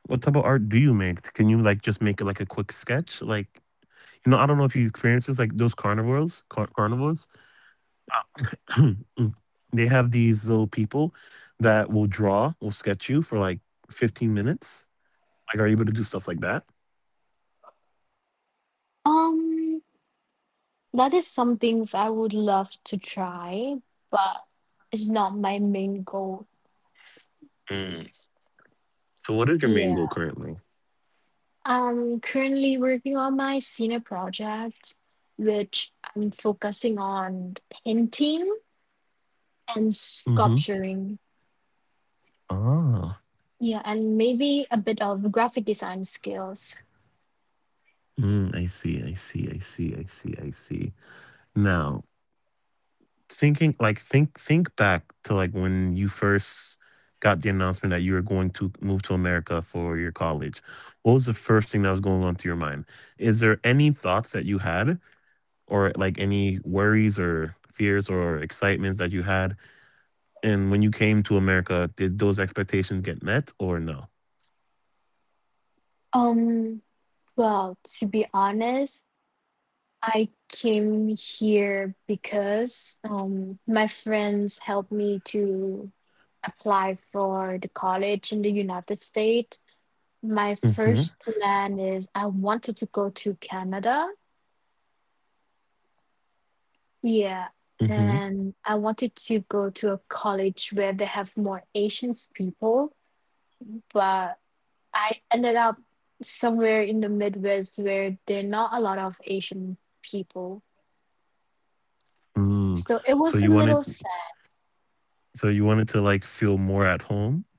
Speaker 1: What type of art do you make? Can you like just make like a quick sketch? Like, you know, I don't know if you experience this, like those carnivores, car- carnivores. Uh, they have these little people that will draw, will sketch you for like fifteen minutes. Like, are you able to do stuff like that?
Speaker 2: Um, that is some things I would love to try, but it's not my main goal.
Speaker 1: Mm. So, what is your main goal
Speaker 2: Yeah.
Speaker 1: currently?
Speaker 2: I'm currently working on my senior project, which I'm focusing on painting and
Speaker 1: Mm-hmm.
Speaker 2: sculpturing.
Speaker 1: Ah.
Speaker 2: Yeah, and maybe a bit of graphic design skills.
Speaker 1: Mm, I see. I see. I see. I see. I see. Now, thinking like think think back to like when you first got the announcement that you were going to move to America for your college. What was the first thing that was going on to your mind? Is there any thoughts that you had or like any worries or fears or excitements that you had? And when you came to America, did those expectations get met or no?
Speaker 2: Um, well, to be honest, I came here because um, my friends helped me to apply for the college in the United States. My
Speaker 1: Mm-hmm.
Speaker 2: first plan is I wanted to go to Canada. Yeah.
Speaker 1: Mm-hmm.
Speaker 2: And I wanted to go to a college where they have more Asian people, but I ended up somewhere in the Midwest where there are not a lot of Asian people.
Speaker 1: Mm.
Speaker 2: So it was
Speaker 1: So
Speaker 2: a
Speaker 1: you
Speaker 2: little
Speaker 1: wanted
Speaker 2: sad.
Speaker 1: so you wanted to like feel more at home?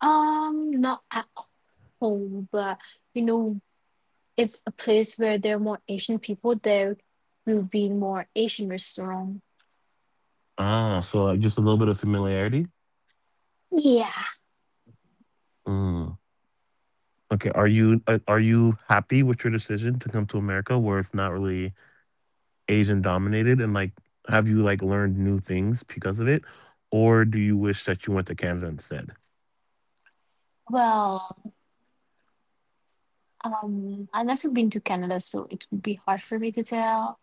Speaker 2: Um, not a- home, but you know, if a place where there are more Asian people, there will be more Asian restaurant.
Speaker 1: Ah, so like just a little bit of familiarity?
Speaker 2: Yeah.
Speaker 1: Mm. Okay. Are you uh, are you happy with your decision to come to America where it's not really Asian dominated and like have you like learned new things because of it? Or do you wish that you went to Canada instead?
Speaker 2: Well, um, I've never been to Canada, so it would be hard for me to tell.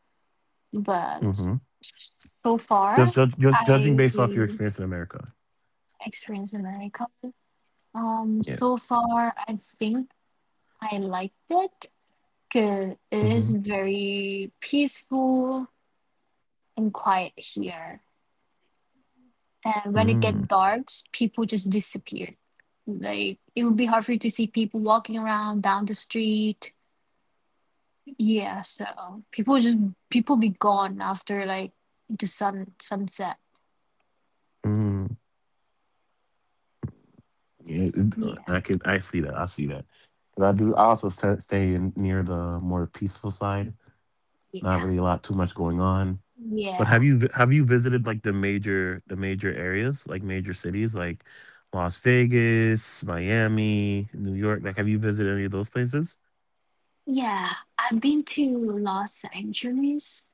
Speaker 2: But
Speaker 1: Mm-hmm.
Speaker 2: so far,
Speaker 1: Just judge, just judging
Speaker 2: I
Speaker 1: based off your experience in America.
Speaker 2: experienced America. Um,
Speaker 1: Yeah.
Speaker 2: so far, I think I liked it because it is
Speaker 1: Hmm.
Speaker 2: very peaceful and quiet here. And when it get
Speaker 1: Mm.
Speaker 2: dark, people just disappeared. Like it would be hard for you to see people walking around down the street. Yeah, so people just people be gone after like the sun sunset.
Speaker 1: Mm. Yeah, it-
Speaker 2: Yeah,
Speaker 1: I can. I see that. I see that. And I do. I also st- stay in near the more peaceful side. Not
Speaker 2: yeah,
Speaker 1: really a lot, too much going on. But
Speaker 2: yeah,
Speaker 1: have you vi- have you visited like the major the major areas, like major cities, like Las Vegas, Miami, New York? Like, have you visited any of those places?
Speaker 2: yeah. I've been to Los Angeles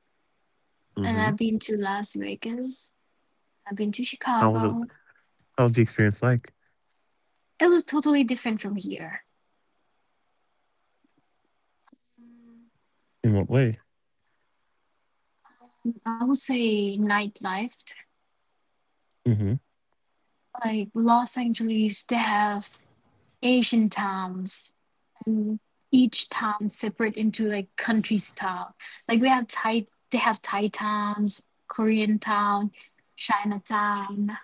Speaker 2: and
Speaker 1: Mm-hmm.
Speaker 2: I've been to Las Vegas. I've been to
Speaker 1: How was it?
Speaker 2: Chicago.
Speaker 1: How was the experience like?
Speaker 2: It was totally different from here.
Speaker 1: In what way?
Speaker 2: I would say nightlife.
Speaker 1: Mm-hmm.
Speaker 2: Like Los Angeles, they have Asian towns, and each town separate into like country style. Like we have Thai, they have Thai towns, Korean town, Chinatown,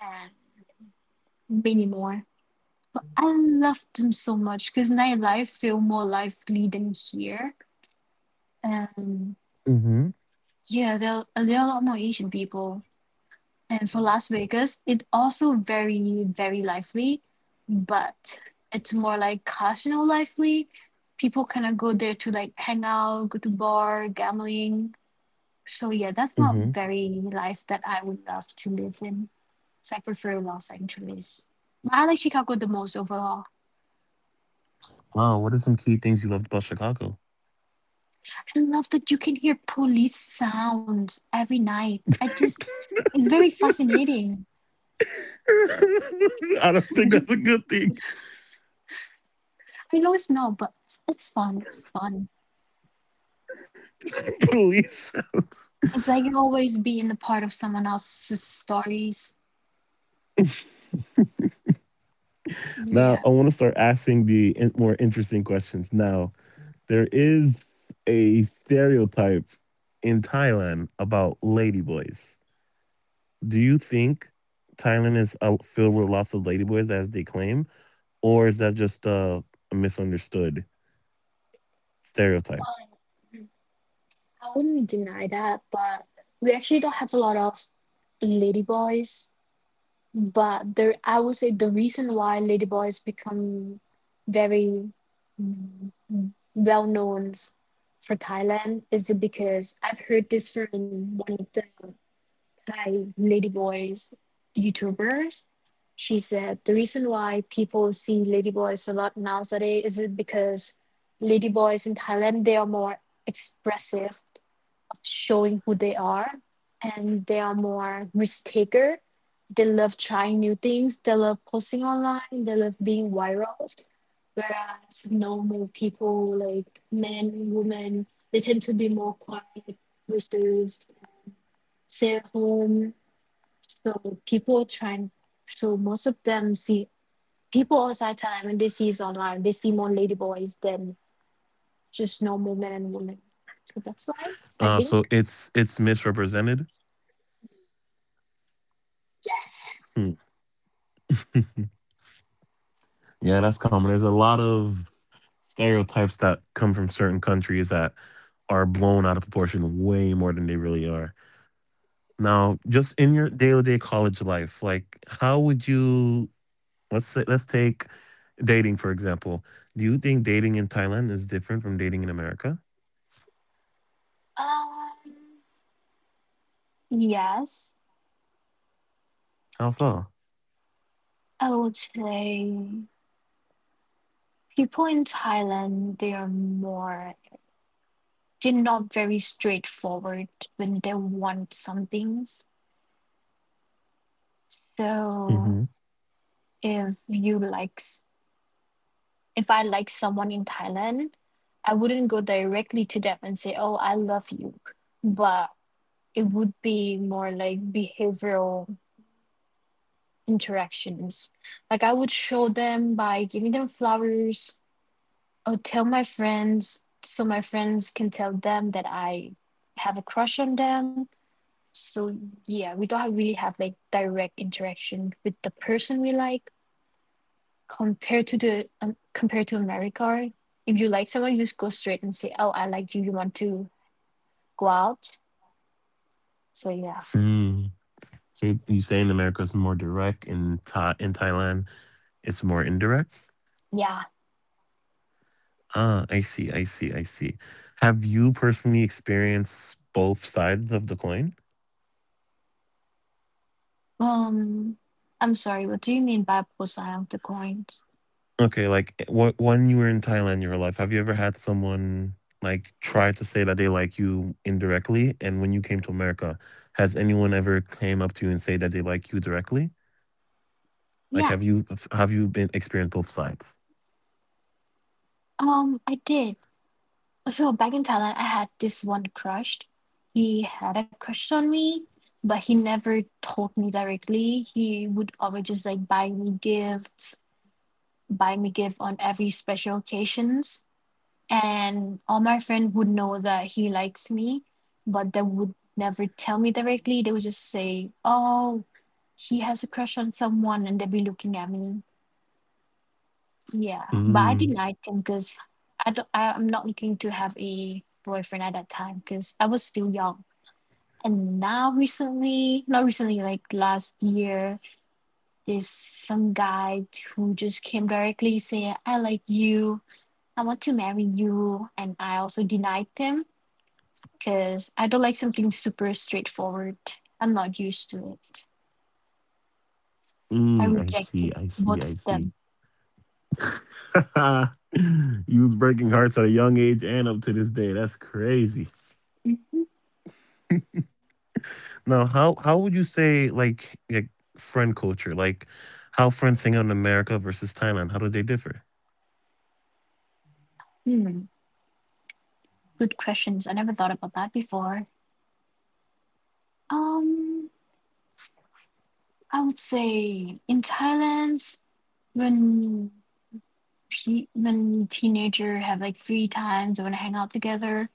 Speaker 2: and many more. I loved them so much because nightlife feel more lively than here, and
Speaker 1: Mm-hmm.
Speaker 2: yeah, there there are a lot more Asian people. And for Las Vegas, it's also very, very lively, but it's more like casino lively. People kind of go there to like hang out, go to bar, gambling. So yeah, that's not very life that I would love to live in. So I prefer Los Angeles. But I like Chicago the most overall.
Speaker 1: Wow, what are some key things you loved about Chicago?
Speaker 2: I love that you can hear police sounds every night. I just, it's very fascinating.
Speaker 1: I don't think
Speaker 2: You,
Speaker 1: that's a good thing.
Speaker 2: I know it's not, but it's, it's fun. It's fun.
Speaker 1: Police.
Speaker 2: It's like always being a part of someone else's stories.
Speaker 1: Now,
Speaker 2: Yeah.
Speaker 1: I want to start asking the in- more interesting questions. Now, there is a stereotype in Thailand about ladyboys. Do you think Thailand is uh, filled with lots of ladyboys as they claim, or is that just uh, a misunderstood stereotype?
Speaker 2: Um, I wouldn't deny that, but we actually don't have a lot of ladyboys. But there, I would say the reason why ladyboys become very well known for Thailand is because I've heard this from one of the by ladyboys YouTubers. She said the reason why people see ladyboys a lot nowadays is it because ladyboys in Thailand they are more expressive of showing who they are and they are more risk taker. They love trying new things, they love posting online, they love being viral. Whereas normal people like men, women, they tend to be more quiet, reserved, stay at home, so people trying, so most of them see people outside Thailand when they see us online, they see more ladyboys than just normal men and women. So that's why I
Speaker 1: Uh, so
Speaker 2: think
Speaker 1: it's it's misrepresented.
Speaker 2: yes,
Speaker 1: Hmm. Yeah, that's common. There's a lot of stereotypes that come from certain countries that are blown out of proportion way more than they really are. Now, just in your day-to-day college life, like how would you let's say, let's take dating for example. Do you think dating in Thailand is different from dating in America?
Speaker 2: um, yes,
Speaker 1: How so?
Speaker 2: I would say people in Thailand they are more they're not very straightforward when they want some things. So
Speaker 1: Mm-hmm.
Speaker 2: if you like if I like someone in Thailand, I wouldn't go directly to them and say, "Oh, I love you," but it would be more like behavioral interactions. Like I would show them by giving them flowers. I would tell my friends so my friends can tell them that I have a crush on them. So yeah, we don't really have like direct interaction with the person we like, compared to the um, compared to America, right? If you like someone, you just go straight and say, "Oh, I like you. You want to go out?" So yeah,
Speaker 1: Mm. So you you saying America is more direct in Tha- in Thailand, it's more indirect.
Speaker 2: yeah.
Speaker 1: Ah, I see, I see, I see. Have you personally experienced both sides of the coin?
Speaker 2: Um, I'm sorry. What do you mean by both side of the coins?
Speaker 1: Okay, like eh, wh- when you were in Thailand, your life, have you ever had someone like try to say that they like you indirectly? And when you came to America, has anyone ever came up to you and say that they like you directly? Like,
Speaker 2: Yeah.
Speaker 1: have you f- have you been experienced both sides?
Speaker 2: Um, I did. So back in Thailand, I had this one crush. He had a crush on me, but he never told me directly. He would always just like buy me gifts, buy me gift on every special occasions and all my friend would know that he likes me, but they would never tell me directly. They would just say, oh, he has a crush on someone and they'd be looking at me. Yeah, but I
Speaker 1: Mm,
Speaker 2: denied him because I don't I, I'm not looking to have a boyfriend at that time because I was still young. And now recently, not recently, like last year, there's some guy who just came directly, say, I like you, I want to marry you, and I also denied him because I don't like something super straightforward. I'm not used to it. I
Speaker 1: mm, I see,
Speaker 2: rejected
Speaker 1: I see,
Speaker 2: both
Speaker 1: I
Speaker 2: of
Speaker 1: see.
Speaker 2: them.
Speaker 1: You was breaking hearts at a young age and up to this day. That's crazy.
Speaker 2: Mhm.
Speaker 1: Now, how how would you say like like friend culture, like how friends hang out in America versus Thailand? How do they differ?
Speaker 2: Hmm. Good questions. I never thought about that before. Um, I would say in Thailand, when pe- when teenager have like free time, they want to hang out together.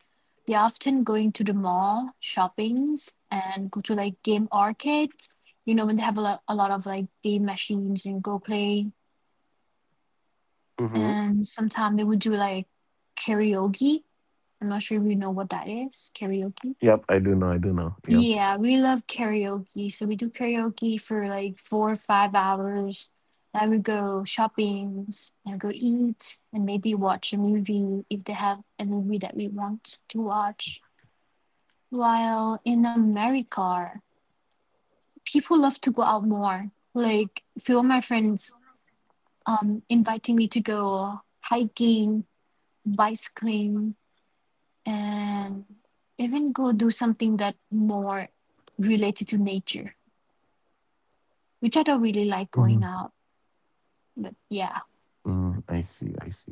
Speaker 2: They often going to the mall, shoppings, and go to like game arcades. You know when they have a lot, a lot of like game machines and go play and sometimes they would do like karaoke. I'm not sure if you know what that is, karaoke.
Speaker 1: Yep, I do know. I do know. Yep.
Speaker 2: Yeah, we love karaoke. So we do karaoke for like four or five hours. I would go shopping, and go eat, and maybe watch a movie if they have a movie that we want to watch. While in America, people love to go out more. Like few of my friends um inviting me to go hiking, bicycling, and even go do something that more related to nature, which I don't really like
Speaker 1: Mm.
Speaker 2: going out. But yeah,
Speaker 1: Mm, I see. I see.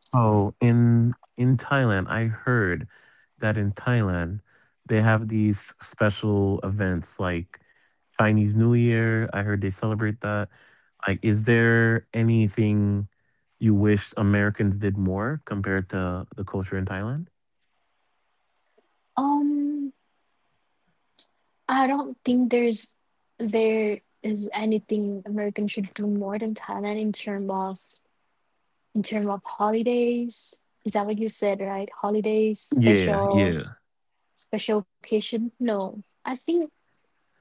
Speaker 1: So in in Thailand, I heard that in Thailand they have these special events like Chinese New Year. I heard they celebrate that. Like, is there anything you wish Americans did more compared to the culture in Thailand?
Speaker 2: um, I don't think there's there is anything Americans should do more than Thailand in term of in term of holidays. Is that what you said, right? Holidays,
Speaker 1: Yeah.
Speaker 2: special
Speaker 1: Yeah.
Speaker 2: special occasion? No, I think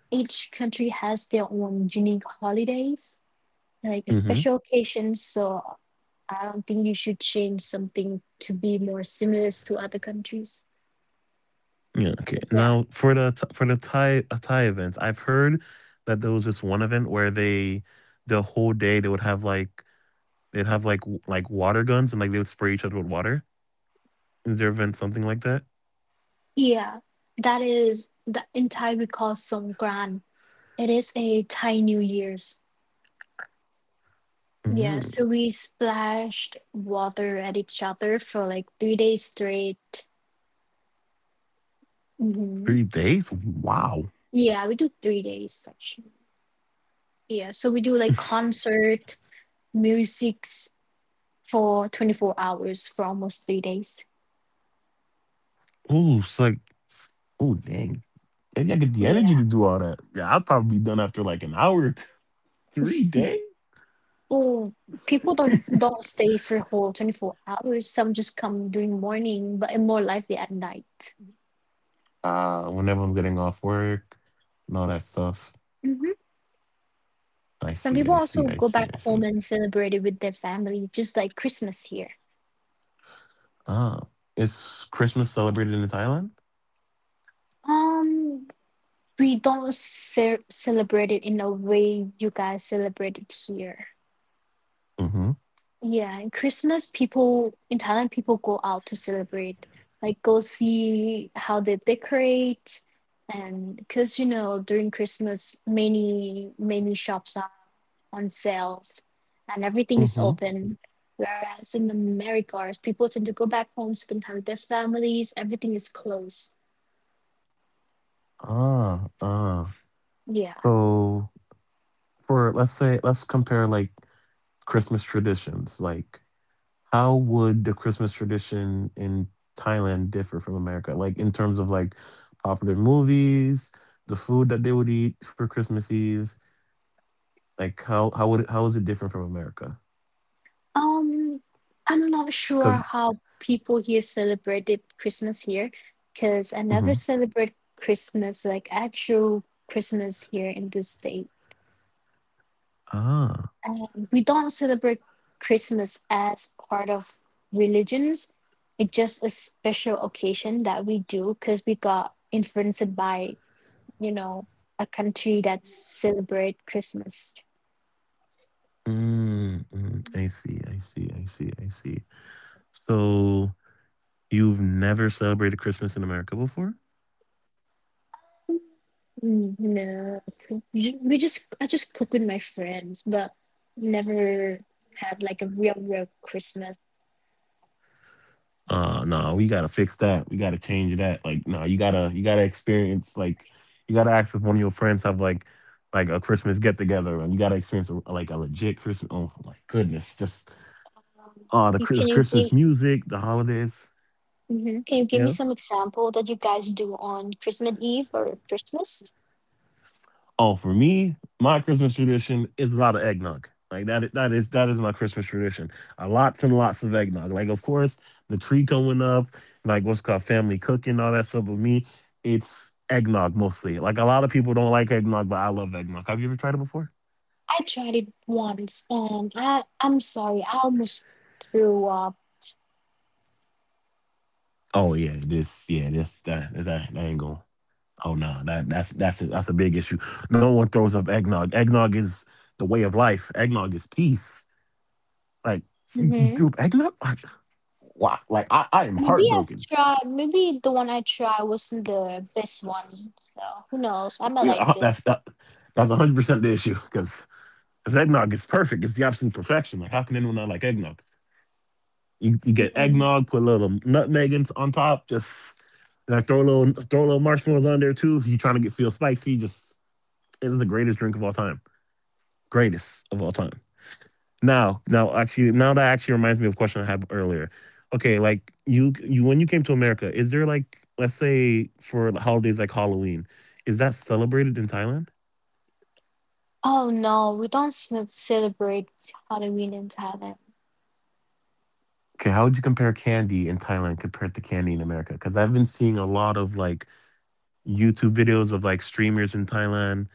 Speaker 2: each country has their own unique holidays, like special occasions. So I don't think you should change something to be more similar to other countries.
Speaker 1: Yeah, okay.
Speaker 2: But yeah.
Speaker 1: Now for the Th- for the Thai uh, Thai events, I've heard that there was this one event where they the whole day they would have like they'd have like w- like water guns and like they would spray each other with water. Is there event something like that?
Speaker 2: Yeah. That is that in Thai we call Songkran. It is a Thai New Year's. Yeah, so
Speaker 1: Mm,
Speaker 2: we splashed water at each other for like three days straight.
Speaker 1: three
Speaker 2: Hmm.
Speaker 1: days? Wow.
Speaker 2: Yeah, we do three days actually. Yeah, so we do like concert, musics for twenty-four hours for almost three days.
Speaker 1: Oh, it's like oh, dang. Maybe I get the
Speaker 2: Yeah.
Speaker 1: energy to do all that. Yeah, I'll probably be done after like an hour or two. Three days?
Speaker 2: Oh, people don't don't stay for whole twenty-four hours. Some just come during morning, but are more likely at night.
Speaker 1: Uh, when everyone's getting off work and all that stuff.
Speaker 2: Hmm.
Speaker 1: I
Speaker 2: Some
Speaker 1: see,
Speaker 2: people
Speaker 1: I see,
Speaker 2: also
Speaker 1: I
Speaker 2: go
Speaker 1: see,
Speaker 2: back
Speaker 1: I
Speaker 2: home
Speaker 1: see.
Speaker 2: and celebrate it with their family, just like Christmas here.
Speaker 1: Ah, is Christmas celebrated in Thailand?
Speaker 2: Um, we don't ce- celebrate it in a way you guys celebrate it here.
Speaker 1: Mm-hmm.
Speaker 2: Yeah, and Christmas people in Thailand people go out to celebrate, like go see how they decorate, and because you know during Christmas many many shops are on sales, and everything is
Speaker 1: Mm-hmm.
Speaker 2: open. Whereas in the Americas, people tend to go back home, spend time with their families. Everything is closed.
Speaker 1: Ah, ah.
Speaker 2: Yeah.
Speaker 1: So for let's say let's compare like Christmas traditions. Like, how would the Christmas tradition in Thailand differ from America? Like in terms of like popular movies, the food that they would eat for Christmas Eve. Like how how would it, how is it different from America?
Speaker 2: Um, I'm not sure
Speaker 1: Because
Speaker 2: how people here celebrated Christmas here, because I never celebrate Christmas, like actual Christmas here in this state.
Speaker 1: ah.
Speaker 2: And we don't celebrate Christmas as part of religions. It's just a special occasion that we do because we got influenced by, you know, a country that celebrate Christmas.
Speaker 1: Mm, mm, I see, I see, I see, I see. So you've never celebrated Christmas in America before?
Speaker 2: Mm, No, cook- ju- we just I just cook with my friends, but never had like a real real Christmas.
Speaker 1: Uh no, we gotta fix that. We gotta change that. Like, no, you gotta you gotta experience like you gotta ask if one of your friends have like like a Christmas get together and you gotta experience a, like a legit Christmas. Oh my goodness, just
Speaker 2: Um,
Speaker 1: uh the
Speaker 2: You,
Speaker 1: Chris-
Speaker 2: can you
Speaker 1: Christmas
Speaker 2: give
Speaker 1: music, the holidays.
Speaker 2: Mhm. Can you give me
Speaker 1: Yeah.
Speaker 2: some example that you guys do on Christmas Eve or Christmas?
Speaker 1: Oh, for me, my Christmas tradition is a lot of eggnog. Like that, that is that is my Christmas tradition. Uh, lots and lots of eggnog. Like of course the tree going up, like what's called family cooking, all that stuff. With me, it's eggnog mostly. Like a lot of people don't like eggnog, but I love eggnog. Have you ever tried it before?
Speaker 2: I tried it once, and I I'm sorry, I almost threw up.
Speaker 1: Oh yeah, this yeah this that that, that ain't going. Oh no, that that's that's a, that's a big issue. No one throws up eggnog. Eggnog is the way of life. Eggnog is peace. Like you
Speaker 2: Mm-hmm.
Speaker 1: threw up eggnog? Wow, like I, I am
Speaker 2: Maybe I've
Speaker 1: heartbroken.
Speaker 2: tried. Maybe the one I tried wasn't the best one. So who knows? I might
Speaker 1: You
Speaker 2: like
Speaker 1: know, that's that, that's one hundred percent the issue because eggnog is perfect. It's the opposite of perfection. Like how can anyone not like eggnog? You you get
Speaker 2: it.
Speaker 1: eggnog, put a little nutmeg in, on top, just like throw a little throw a little marshmallows on there too. If you're trying to get feel spicy, just it is the greatest drink of all time. Greatest of all time. Now, now, actually, now that actually reminds me of a question I had earlier. Okay, like you, you when you came to America, is there like, let's say for the holidays like Halloween, is that celebrated in Thailand?
Speaker 2: Oh no, we don't ce- celebrate Halloween in Thailand.
Speaker 1: Okay, how would you compare candy in Thailand compared to candy in America? Because I've been seeing a lot of like YouTube videos of like streamers in Thailand,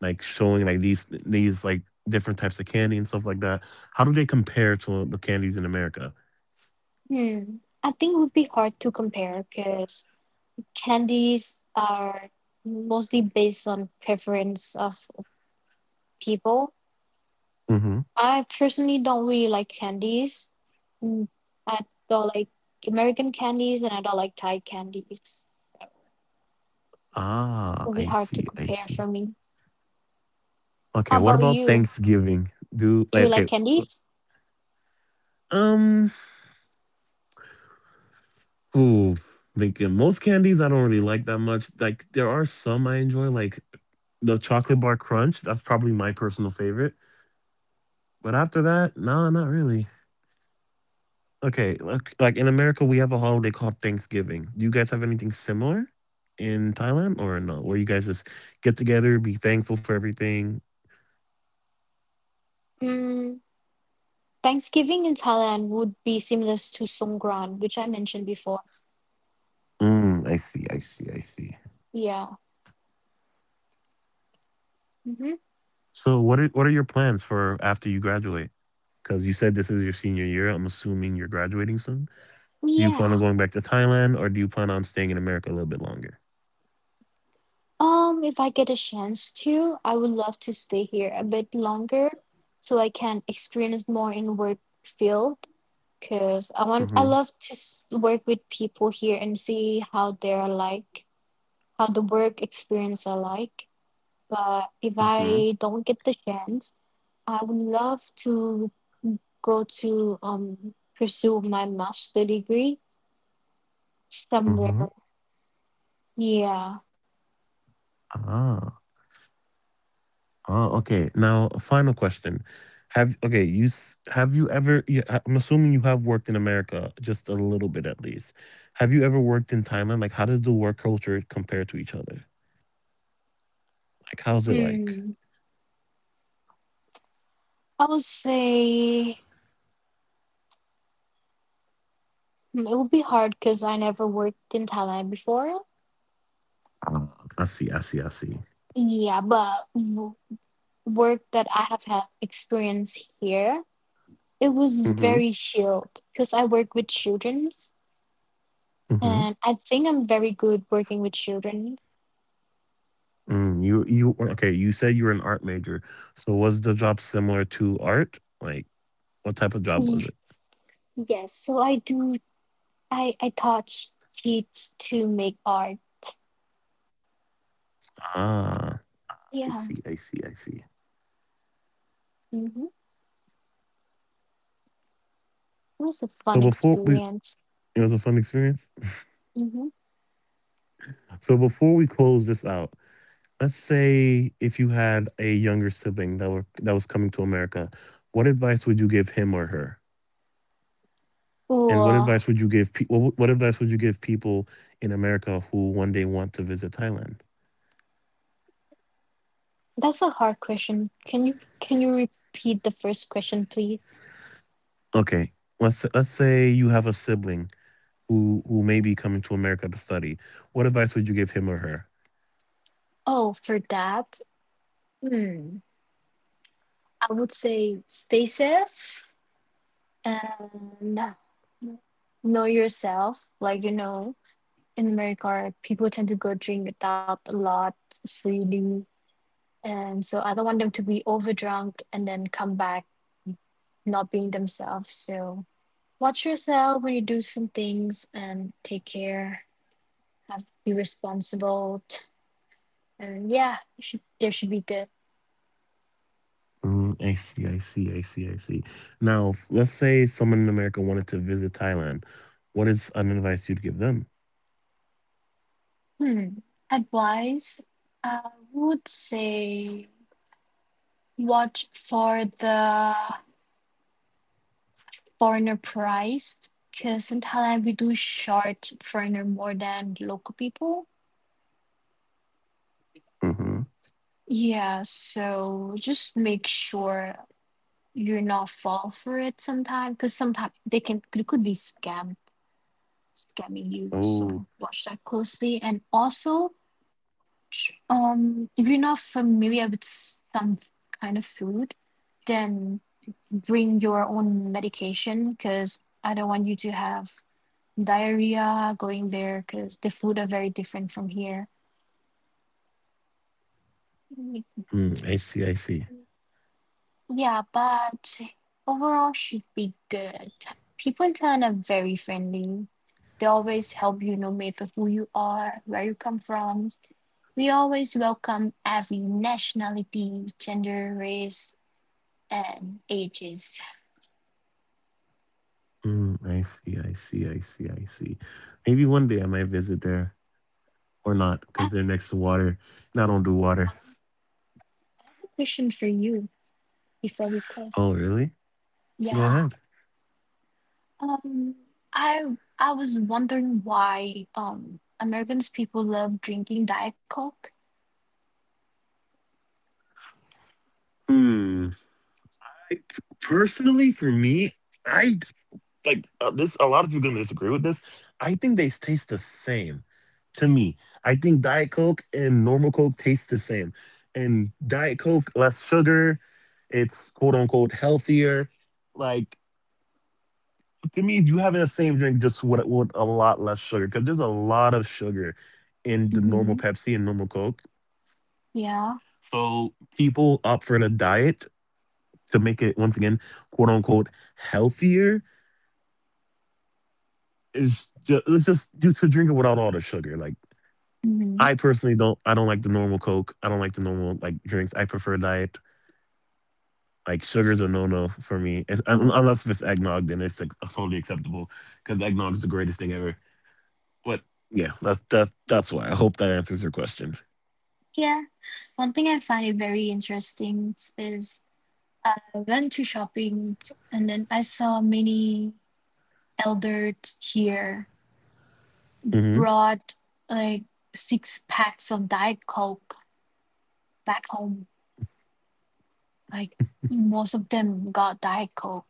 Speaker 1: like showing like these these like different types of candy and stuff like that. How do they compare to the candies in America?
Speaker 2: Hmm. I think it would be hard to compare because candies are mostly based on preference of people.
Speaker 1: Hmm.
Speaker 2: I personally don't really like candies. Mm, I don't like American candies and I don't like Thai candies. So it
Speaker 1: Ah,
Speaker 2: would be
Speaker 1: I
Speaker 2: hard to
Speaker 1: see, I
Speaker 2: compare
Speaker 1: see.
Speaker 2: for me.
Speaker 1: Okay,
Speaker 2: How
Speaker 1: what
Speaker 2: about
Speaker 1: about
Speaker 2: you?
Speaker 1: Thanksgiving? Do
Speaker 2: Do you
Speaker 1: like
Speaker 2: like
Speaker 1: okay,
Speaker 2: candies?
Speaker 1: um, ooh, Thinking most candies I don't really like that much. Like there are some I enjoy, like the chocolate bar crunch. That's probably my personal favorite. But after that, no, not really. Okay, like like in America we have a holiday called Thanksgiving. Do you guys have anything similar in Thailand or no? Where you guys just get together, be thankful for everything.
Speaker 2: Mm, Thanksgiving in Thailand would be similar to Songkran, which I mentioned before.
Speaker 1: Mm, I see, I see, I see.
Speaker 2: Yeah. Hmm.
Speaker 1: So what are what are your plans for after you graduate? Because you said this is your senior year. I'm assuming you're graduating soon. Do you plan on
Speaker 2: Yeah.
Speaker 1: going back to Thailand or do you plan on staying in America a little bit longer?
Speaker 2: Um, if I get a chance to, I would love to stay here a bit longer so I can experience more in work field because I want I
Speaker 1: Mm-hmm.
Speaker 2: love to s- work with people here and see how they're like, how the work experience are like. But if
Speaker 1: Mm-hmm.
Speaker 2: I don't get the chance, I would love to go to um pursue my master degree
Speaker 1: Mm-hmm.
Speaker 2: somewhere. Yeah.
Speaker 1: Ah. Ah, okay. Now, final question. Have okay, you s- have you ever yeah, I- I'm assuming you have worked in America just a little bit at least. Have you ever worked in Thailand? Like how does the work culture compare to each other? Like how's it like?
Speaker 2: Hmm. I would say Mm, it would be hard because I never worked in Thailand before.
Speaker 1: Ah, I see, I see, I see.
Speaker 2: Yeah, but w- work that I have had experience here, it was
Speaker 1: Mm-hmm.
Speaker 2: very shield because I work with children
Speaker 1: Mhm.
Speaker 2: and I think I'm very good working with children.
Speaker 1: Mm, you you okay? You said you were an art major, so was the job similar to art? Like, what type of job
Speaker 2: Mm,
Speaker 1: was it?
Speaker 2: Yes, so I do, I, I taught kids to make art.
Speaker 1: Ah, I
Speaker 2: Yeah,
Speaker 1: see, I see, I see.
Speaker 2: mm-hmm. It was a fun
Speaker 1: So before we,
Speaker 2: experience.
Speaker 1: it was a fun experience.
Speaker 2: Mm-hmm.
Speaker 1: So before we close this out, let's say if you had a younger sibling that were that was coming to America, what advice would you give him or her? And what
Speaker 2: Well,
Speaker 1: advice would you give people? What, what advice would you give people in America who one day want to visit Thailand?
Speaker 2: that's a hard question. Can you can you repeat the first question, please?
Speaker 1: Okay, let's let's say you have a sibling who who may be coming to America to study. What advice would you give him or her?
Speaker 2: Oh, for that, mm, I would say stay safe and know yourself. Like, you know, in America, people tend to go drink out a lot freely. And so I don't want them to be overdrunk and then come back not being themselves. So watch yourself when you do some things and take care, have be responsible. t- And yeah, you should, there should be good.
Speaker 1: Mm, I see, I see, I see, I see. Now, f- let's say someone in America wanted to visit Thailand. What is an advice you'd give them?
Speaker 2: Hmm. Advice, I would say watch for the foreigner price because in Thailand we do short foreigner more than local people.
Speaker 1: Hmm.
Speaker 2: Yeah, so just make sure you're not fall for it. Sometimes because sometimes they can they could be scam scamming you. So
Speaker 1: Oh,
Speaker 2: watch that closely and also tr- um if you're not familiar with some kind of food, then bring your own medication because I don't want you to have diarrhea going there because the food are very different from here. Mm,
Speaker 1: mm, I see, I see.
Speaker 2: Yeah, but overall should be good. People in Thailand are very friendly. They always help you no matter who you are, where you come from. We always welcome every nationality, gender, race, and ages.
Speaker 1: Mm, I see, I see, I see, I see. Maybe one day I might visit there or not
Speaker 2: I
Speaker 1: because they're next to water and I don't do water.
Speaker 2: I have a question for you before we close.
Speaker 1: Oh, really? Go
Speaker 2: Yeah.
Speaker 1: ahead.
Speaker 2: Um, I I was wondering why um Americans people love drinking Diet Coke.
Speaker 1: Hmm. I, personally, for me, I like uh, this a lot of people are going to disagree with this. I think they taste the same to me. I think diet coke and normal coke taste the same, and diet coke less sugar, it's quote unquote healthier. Like to me you having the same drink just with, with a lot less sugar because there's a lot of sugar in the
Speaker 2: Mm-hmm.
Speaker 1: normal pepsi and normal coke,
Speaker 2: Yeah.
Speaker 1: so people opt for the diet to make it once again quote unquote healthier. Is just it's just due to drinking without all the sugar. Like
Speaker 2: Mm-hmm.
Speaker 1: I personally don't. I don't like the normal Coke. I don't like the normal like drinks. I prefer diet. Like sugar's a no no for me. It's, un-
Speaker 2: Mm.
Speaker 1: unless if it's eggnog, then it's like, totally acceptable because eggnog's the greatest thing ever. But yeah, that's that's that's why. I hope that answers your question.
Speaker 2: Yeah. One thing I find it very interesting is uh, I went to shopping and then I saw many elders here
Speaker 1: Mm-hmm.
Speaker 2: brought like six packs of Diet Coke back home. Like most of them got Diet Coke.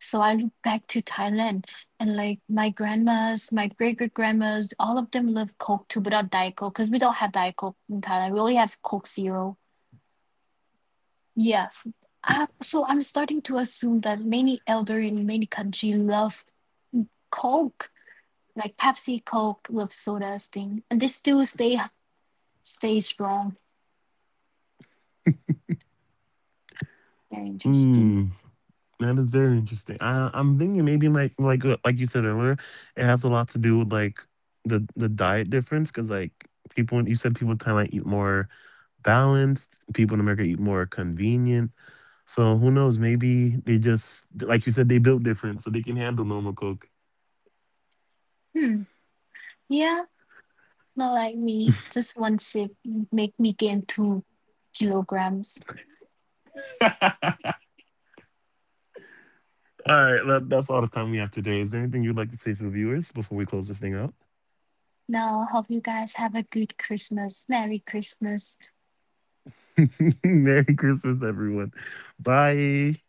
Speaker 2: So I look back to Thailand and like my grandmas, my great great grandmas, all of them love Coke too, but not Diet Coke because we don't have Diet Coke in Thailand. We only have Coke Zero. Yeah. I, so I'm starting to assume that many elder in many country love Coke, like Pepsi, Coke, love sodas thing, and they still stay stay strong. Very interesting.
Speaker 1: Hmm. That is very interesting. I, I'm thinking maybe my like uh, like you said earlier, it has a lot to do with like the the diet difference because like people you said people in Thailand eat more balanced. People in America eat more convenient. So who knows? Maybe they just, like you said, they built different, so they can handle normal Coke.
Speaker 2: Hmm. Yeah. Not like me. Just one sip make me gain two kilograms.
Speaker 1: All right, that, that's all the time we have today. Is there anything you'd like to say to the viewers before we close this thing out?
Speaker 2: Now, hope you guys have a good Christmas. Merry Christmas.
Speaker 1: Merry Christmas, everyone. Bye.